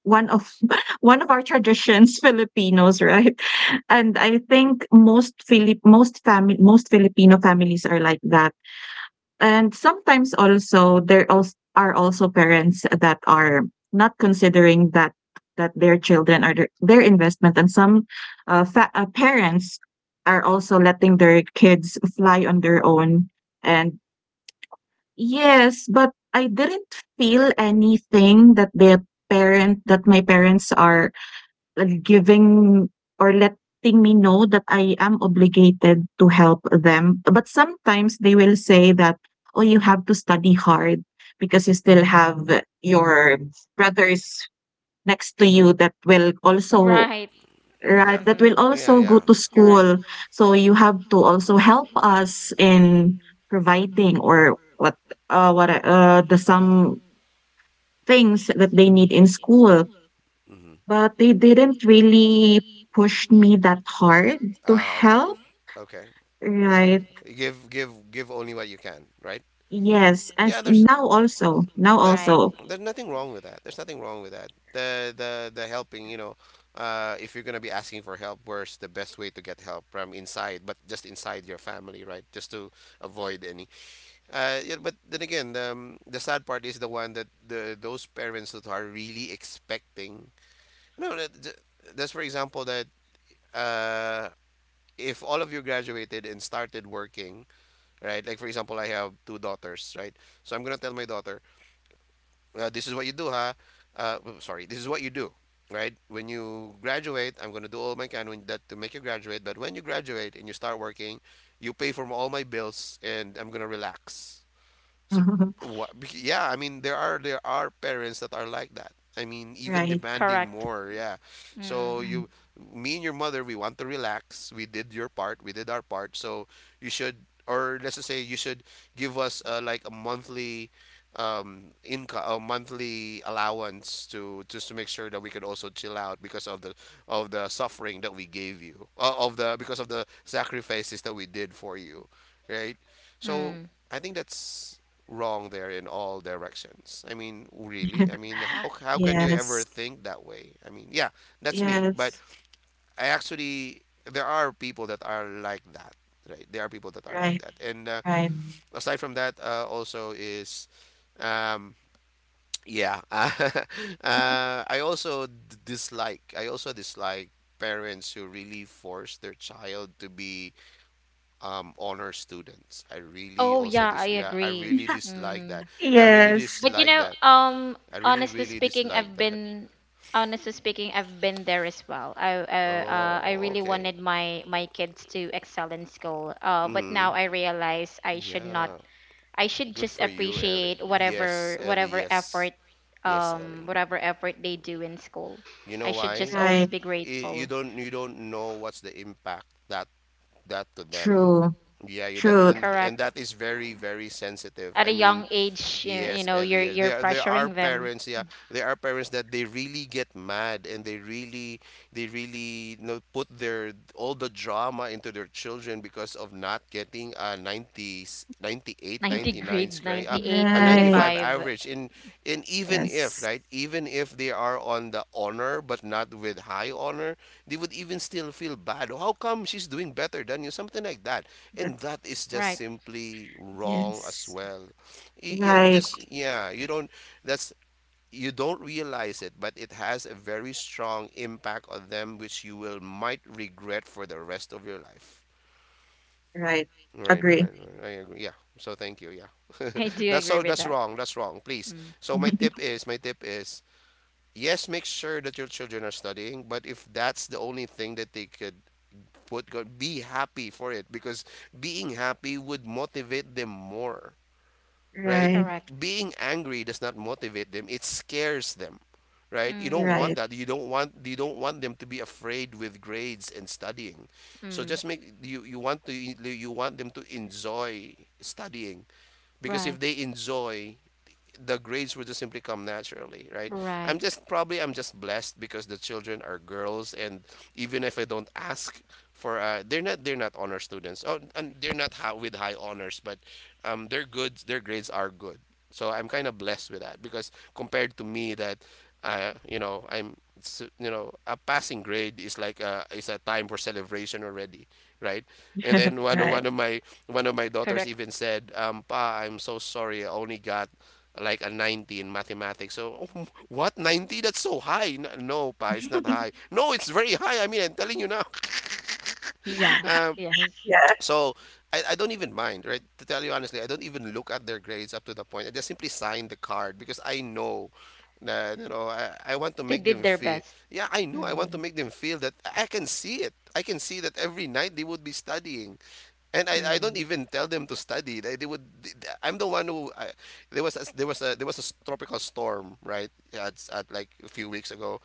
[SPEAKER 2] one of one of our traditions, Filipinos, right? And I think most Philip, most family, most Filipino families are like that. And sometimes also there also are also parents that are not considering that, that their children are their, their investment, and some, uh, fa- uh, parents are also letting their kids fly on their own and... Yes, but I didn't feel anything that the parent, that my parents are like, giving or letting me know that I am obligated to help them. But sometimes they will say that, "Oh, you have to study hard, because you still have your brothers next to you that will also..."
[SPEAKER 1] Right.
[SPEAKER 2] Right,
[SPEAKER 3] Yeah.
[SPEAKER 2] that will
[SPEAKER 1] Mhm.
[SPEAKER 3] Yeah,
[SPEAKER 2] also go
[SPEAKER 3] yeah.
[SPEAKER 2] to
[SPEAKER 1] Correct.
[SPEAKER 2] school. So you have to also help us in providing or what, uh what uh the some things that they need in school.
[SPEAKER 3] Mm-hmm.
[SPEAKER 2] But they didn't really push me that hard to
[SPEAKER 3] Ah, okay.
[SPEAKER 2] help.
[SPEAKER 3] Okay. Okay.
[SPEAKER 2] Right.
[SPEAKER 3] Give give give only what you can, right?
[SPEAKER 2] Yes. As
[SPEAKER 3] Yeah, there's
[SPEAKER 2] now also. Now
[SPEAKER 3] not,
[SPEAKER 1] Right.
[SPEAKER 2] also.
[SPEAKER 3] there's nothing wrong with that. There's nothing wrong with that. The the the helping, you know, uh, if you're gonna be asking for help, where's the best way to get help from inside, but just inside your family, right? Just to avoid any. Uh, yeah, but then again, the um, the sad part is the one that the those parents that are really expecting no, that, th- that's for example that uh, if all of you graduated and started working, right? Like for example, I have two daughters, right? So I'm gonna tell my daughter, uh, this is what you do, huh? Uh, w- sorry, this is what you do, right? When you graduate, I'm gonna do all my can when- that to make you graduate. But when you graduate and you start working, you pay for all my bills, and I'm gonna relax, so what? Yeah, I mean there are there are parents that are like that. I mean even
[SPEAKER 2] Right.
[SPEAKER 3] demanding
[SPEAKER 1] Correct.
[SPEAKER 3] more. Yeah.
[SPEAKER 1] Mm.
[SPEAKER 3] So
[SPEAKER 2] Right.
[SPEAKER 3] you, me and your mother, we want to relax. We did your part. We did our part. So you should, or let's just say you should give us uh, like a monthly um income a monthly allowance to just to make sure that we could also chill out because of the of the suffering that we gave you uh, of the because of the sacrifices that we did for you, right? So
[SPEAKER 1] Mm.
[SPEAKER 3] I think that's wrong there in all directions. I mean, really? I mean, how how can you ever
[SPEAKER 2] Yes.
[SPEAKER 3] think that way? I mean, yeah, that's me. But
[SPEAKER 2] Yes.
[SPEAKER 3] I actually there are people that are like that, right? There are people that are like
[SPEAKER 2] Right.
[SPEAKER 3] that. And uh,
[SPEAKER 2] Right.
[SPEAKER 3] aside from that, uh, also is um yeah. uh, I also d- dislike I also dislike parents who really force their child to be um honor students. I really
[SPEAKER 1] Oh
[SPEAKER 3] also
[SPEAKER 1] yeah, I
[SPEAKER 3] dis yeah, I
[SPEAKER 1] agree.
[SPEAKER 3] really dislike that.
[SPEAKER 1] Mm.
[SPEAKER 3] I really
[SPEAKER 2] Yes.
[SPEAKER 1] But you
[SPEAKER 3] dislike
[SPEAKER 1] know,
[SPEAKER 3] that.
[SPEAKER 1] um,
[SPEAKER 3] I really,
[SPEAKER 1] honestly
[SPEAKER 3] really
[SPEAKER 1] speaking,
[SPEAKER 3] dislike
[SPEAKER 1] I've
[SPEAKER 3] that.
[SPEAKER 1] been, honestly speaking, I've been there as well. I uh, uh I
[SPEAKER 3] Oh,
[SPEAKER 1] really
[SPEAKER 3] okay.
[SPEAKER 1] wanted my my kids to excel in school. Uh, but now
[SPEAKER 3] Mm-hmm.
[SPEAKER 1] I realize I should not,
[SPEAKER 3] Yeah.
[SPEAKER 1] I should
[SPEAKER 3] Good
[SPEAKER 1] just
[SPEAKER 3] for you, Ellie.
[SPEAKER 1] appreciate
[SPEAKER 3] Yes,
[SPEAKER 1] whatever,
[SPEAKER 3] Ellie.
[SPEAKER 1] whatever
[SPEAKER 3] Yes.
[SPEAKER 1] effort
[SPEAKER 3] Yes,
[SPEAKER 1] um
[SPEAKER 3] Ellie.
[SPEAKER 1] whatever effort they do in school.
[SPEAKER 3] You know
[SPEAKER 1] I should just
[SPEAKER 3] why?
[SPEAKER 1] always
[SPEAKER 2] Right.
[SPEAKER 1] be
[SPEAKER 3] Y- You
[SPEAKER 1] grateful.
[SPEAKER 3] don't you don't know what's the impact that that to them.
[SPEAKER 2] True.
[SPEAKER 3] Yeah, you that
[SPEAKER 2] True.
[SPEAKER 3] and, and
[SPEAKER 1] Correct.
[SPEAKER 3] that is very, very sensitive.
[SPEAKER 1] At
[SPEAKER 3] I
[SPEAKER 1] a
[SPEAKER 3] mean,
[SPEAKER 1] young age, you, you
[SPEAKER 3] yes,
[SPEAKER 1] know, you're
[SPEAKER 3] Elliot.
[SPEAKER 1] you're
[SPEAKER 3] There are- there are
[SPEAKER 1] pressuring them.
[SPEAKER 3] parents, yeah, there are parents that they really get mad and they really they really you know, put their all the drama into their children because of not getting a ninety ninety eight
[SPEAKER 1] ninety
[SPEAKER 3] ninety nine ninety eight ninety-nine
[SPEAKER 1] grade,
[SPEAKER 3] scra-
[SPEAKER 1] ninety
[SPEAKER 3] uh,
[SPEAKER 1] eight,
[SPEAKER 3] a
[SPEAKER 1] eighty
[SPEAKER 2] Right.
[SPEAKER 3] ninety five
[SPEAKER 1] five.
[SPEAKER 3] average in in even if,
[SPEAKER 2] Yes.
[SPEAKER 3] right? Even if they are on the honor but not with high honor they would even still feel bad. "Oh, how come she's doing better than you?" Something like that.
[SPEAKER 2] That
[SPEAKER 3] And that is just
[SPEAKER 1] Right.
[SPEAKER 3] simply wrong as
[SPEAKER 2] yes.
[SPEAKER 3] well. Y- Yeah,
[SPEAKER 2] Right.
[SPEAKER 3] just, yeah, you don't that's you don't realize it, but it has a very strong impact on them, which you will might regret for the rest of your life.
[SPEAKER 2] Right.
[SPEAKER 3] Right,
[SPEAKER 2] Agree.
[SPEAKER 3] right, right. I agree. Yeah. So thank you. Yeah.
[SPEAKER 1] I do
[SPEAKER 3] That's
[SPEAKER 1] agree
[SPEAKER 3] so
[SPEAKER 1] with
[SPEAKER 3] that's
[SPEAKER 1] that.
[SPEAKER 3] wrong. That's wrong. Please.
[SPEAKER 1] Mm.
[SPEAKER 3] So my tip is my tip is yes, make sure that your children are studying, but if that's the only thing that they could output, be happy for it, because being happy would motivate them more, right?
[SPEAKER 2] Right.
[SPEAKER 1] Correct.
[SPEAKER 3] Being angry does not motivate them, it scares them, right? You
[SPEAKER 1] Mm,
[SPEAKER 3] don't want
[SPEAKER 2] Right.
[SPEAKER 3] that. You don't want, you don't want them to be afraid with grades and studying. So
[SPEAKER 1] mm.
[SPEAKER 3] just make you you want to you want them to enjoy studying, because if
[SPEAKER 1] Right.
[SPEAKER 3] they enjoy, the grades would just simply come naturally, right? I'm
[SPEAKER 1] Right.
[SPEAKER 3] just probably I'm just blessed because the children are girls, and even if I don't ask for, uh, they're not they're not honor students, oh, and they're not high, with high honors, but um, they're good. Their grades are good, so I'm kind of blessed with that, because compared to me, that uh, you know, I'm it's, uh, you know, a passing grade is like a is a time for celebration already, right? And then one of-
[SPEAKER 2] Right.
[SPEAKER 3] one of my one of my daughters
[SPEAKER 1] Correct.
[SPEAKER 3] even said, um, "Pa, I'm so sorry. I only got like a ninety in mathematics." So, oh, what ninety? That's so high. No, no, pa, it's not high. No, it's very high. I mean, I'm telling you now.
[SPEAKER 1] Yeah.
[SPEAKER 3] Um,
[SPEAKER 1] Yes.
[SPEAKER 2] Yeah.
[SPEAKER 3] so, I, I don't even mind, right? To tell you honestly, I don't even look at their grades up to the point. I just simply sign the card, because I know that, you know, I, I want to
[SPEAKER 1] They
[SPEAKER 3] make
[SPEAKER 1] did
[SPEAKER 3] them
[SPEAKER 1] their
[SPEAKER 3] feel,
[SPEAKER 1] best.
[SPEAKER 3] yeah, I know, I want to
[SPEAKER 1] Mm,
[SPEAKER 3] make them feel that I can see it. I can see that every night they would be studying. And I, I don't
[SPEAKER 1] mm.
[SPEAKER 3] even tell them to study. They, they would. th- th- I'm the one who. I, there was a, there was a there was a s- tropical storm right at, at like a few weeks ago,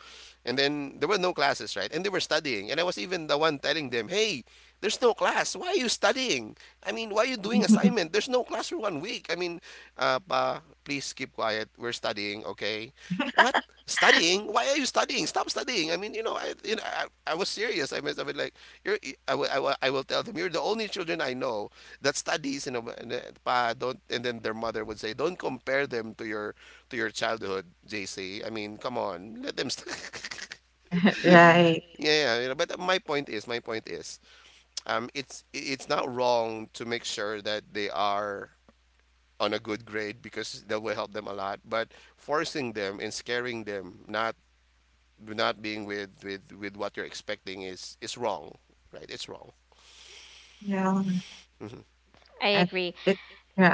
[SPEAKER 3] and then there were no classes, right, and they were studying, and I was even the one telling them, hey, there's no class. Why are you studying? I mean, why are you doing assignment? There's no class for one week. I mean, uh, pa, please keep quiet. We're studying, okay? What? Studying? Why are you studying? Stop studying. I mean, you know, I, you know, I, I was serious. I mean, I was like, you're, I, will, I, will, I will tell them, you're the only children I know that studies, and, and, uh, pa, don't, and then their mother would say, don't compare them to your to your childhood, J C. I mean, come on, let them. St- yeah,
[SPEAKER 2] Right.
[SPEAKER 3] yeah, you know, but uh, my point is, my point is, um, it's it's not wrong to make sure that they are on a good grade because that will help them a lot. But forcing them and scaring them, not not being with with with what you're expecting is is wrong, right? It's wrong.
[SPEAKER 2] Yeah.
[SPEAKER 3] Hmm.
[SPEAKER 1] I
[SPEAKER 2] At
[SPEAKER 1] agree.
[SPEAKER 2] it, yeah.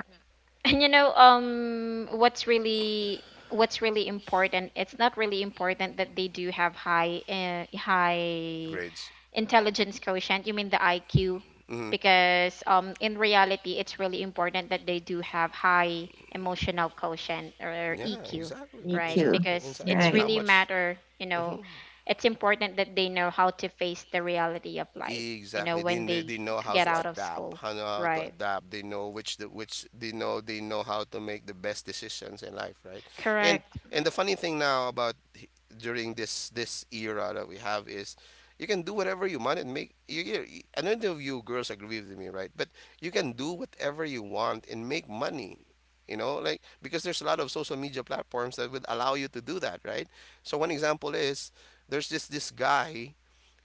[SPEAKER 1] And you know, um what's really, what's really important, it's not really important that they do have high, uh, high
[SPEAKER 3] Grades.
[SPEAKER 1] intelligence quotient, you mean the I Q,
[SPEAKER 3] Hmm.
[SPEAKER 1] because um in reality, it's really important that they do have high emotional quotient, or
[SPEAKER 3] Yeah,
[SPEAKER 1] E Q,
[SPEAKER 3] exactly,
[SPEAKER 2] Me
[SPEAKER 1] right?
[SPEAKER 2] too.
[SPEAKER 3] exactly,
[SPEAKER 1] Because
[SPEAKER 3] exactly.
[SPEAKER 1] it's
[SPEAKER 2] Right.
[SPEAKER 3] How
[SPEAKER 1] really
[SPEAKER 3] much?
[SPEAKER 1] matter, you know,
[SPEAKER 3] Hmm.
[SPEAKER 1] it's important that they know how to face the reality of life, you know,
[SPEAKER 3] Exactly. They,
[SPEAKER 1] when
[SPEAKER 3] kn-
[SPEAKER 1] they
[SPEAKER 3] they know how
[SPEAKER 1] get
[SPEAKER 3] to
[SPEAKER 2] Yes.
[SPEAKER 1] out of
[SPEAKER 3] adapt.
[SPEAKER 1] school,
[SPEAKER 3] How know how to
[SPEAKER 1] right?
[SPEAKER 3] adapt. They know which the which they know they know how to make the best decisions in life, right? And
[SPEAKER 1] Correct.
[SPEAKER 3] and the funny thing now about h- during this this era that we have is you can do whatever you want and make you, you you- I know of you girls agree with me, right? But you can do whatever you want and make money. You know, like, because there's a lot of social media platforms that would allow you to do that, right? So one example is there's this this guy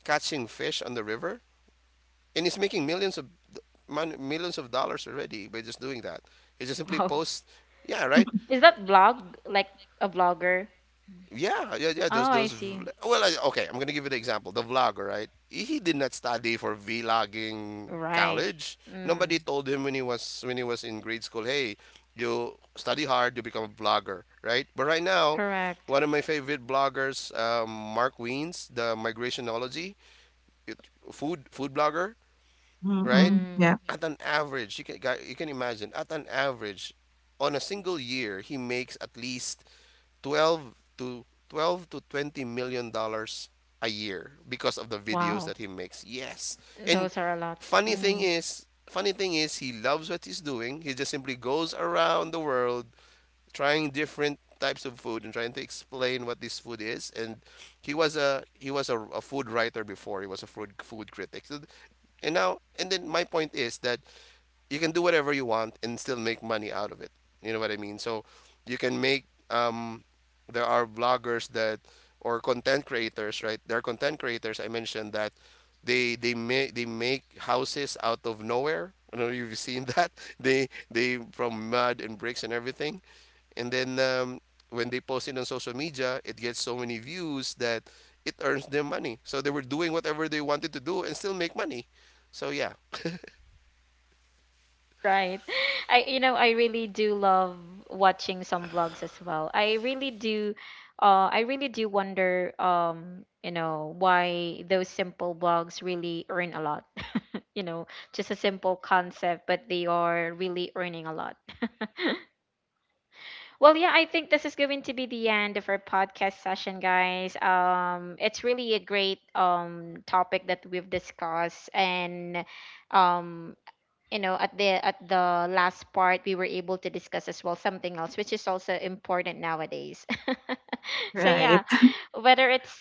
[SPEAKER 3] catching fish on the river and he's making millions of mon- millions of dollars already by just doing that. He just simply
[SPEAKER 1] Wow.
[SPEAKER 3] posts, yeah, right,
[SPEAKER 1] Is that blog, like a blogger?
[SPEAKER 3] yeah, yeah, yeah. Those
[SPEAKER 1] Oh, I
[SPEAKER 3] those vl-
[SPEAKER 1] see.
[SPEAKER 3] well, I, Okay. I'm gonna give you the example. The vlogger, right? He did not study for vlogging
[SPEAKER 1] Right.
[SPEAKER 3] college. Nobody
[SPEAKER 1] Mm.
[SPEAKER 3] told him when he was when he was in grade school, hey, you study hard, you become a vlogger, right? But right now.
[SPEAKER 1] Correct.
[SPEAKER 3] One of my favorite bloggers, um, Mark Weens, the migrationology it- food food blogger, right?
[SPEAKER 2] Mm-mm.
[SPEAKER 1] Mm.
[SPEAKER 2] Yeah.
[SPEAKER 3] At an average, you can guy- you can imagine, at an average, on a single year, he makes at least twelve to twelve to twenty million dollars a year because of the videos
[SPEAKER 1] Wow.
[SPEAKER 3] that he makes. Yes,
[SPEAKER 1] Those
[SPEAKER 3] and
[SPEAKER 1] are a lot.
[SPEAKER 3] funny thing
[SPEAKER 1] Mm.
[SPEAKER 3] is, funny thing is, he loves what he's doing. He just simply goes around the world trying different types of food and trying to explain what this food is, and he was a he was a, a food writer before he was a food food critic. So- and now, and then my point is that you can do whatever you want and still make money out of it. You know what I mean? So you can make um there are bloggers that or content creators, right? There are content creators I mentioned that they they make they make houses out of nowhere. I don't know if you've seen that. They they from mud and bricks and everything. And then um, when they post it on social media, it gets so many views that it earns them money. So they were doing whatever they wanted to do and still make money. So yeah.
[SPEAKER 1] Right. I, you know, I really do love watching some vlogs as well. I really do, uh I really do wonder, um you know, why those simple blogs really earn a lot. You know, just a simple concept, but they are really earning a lot. Well, yeah, I think this is going to be the end of our podcast session, guys. Um, it's really a great um topic that we've discussed, and, um, you know, at the, at the last part, we were able to discuss as well something else, which is also important nowadays. So
[SPEAKER 2] Right.
[SPEAKER 1] yeah, whether it's,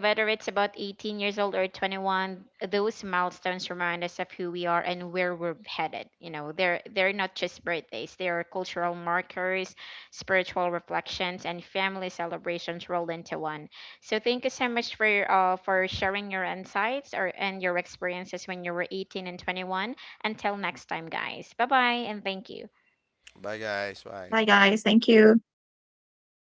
[SPEAKER 1] whether it's about eighteen years old or twenty-one, those milestones remind us of who we are and where we're headed. You know, they're they're not just birthdays, they are cultural markers, spiritual reflections and family celebrations rolled into one. So thank you so much for your, uh, for sharing your insights or and your experiences when you were 18 and 21. Until next time, guys, bye bye, and thank you.
[SPEAKER 3] Bye, guys. Bye.
[SPEAKER 2] Bye, guys. Thank you.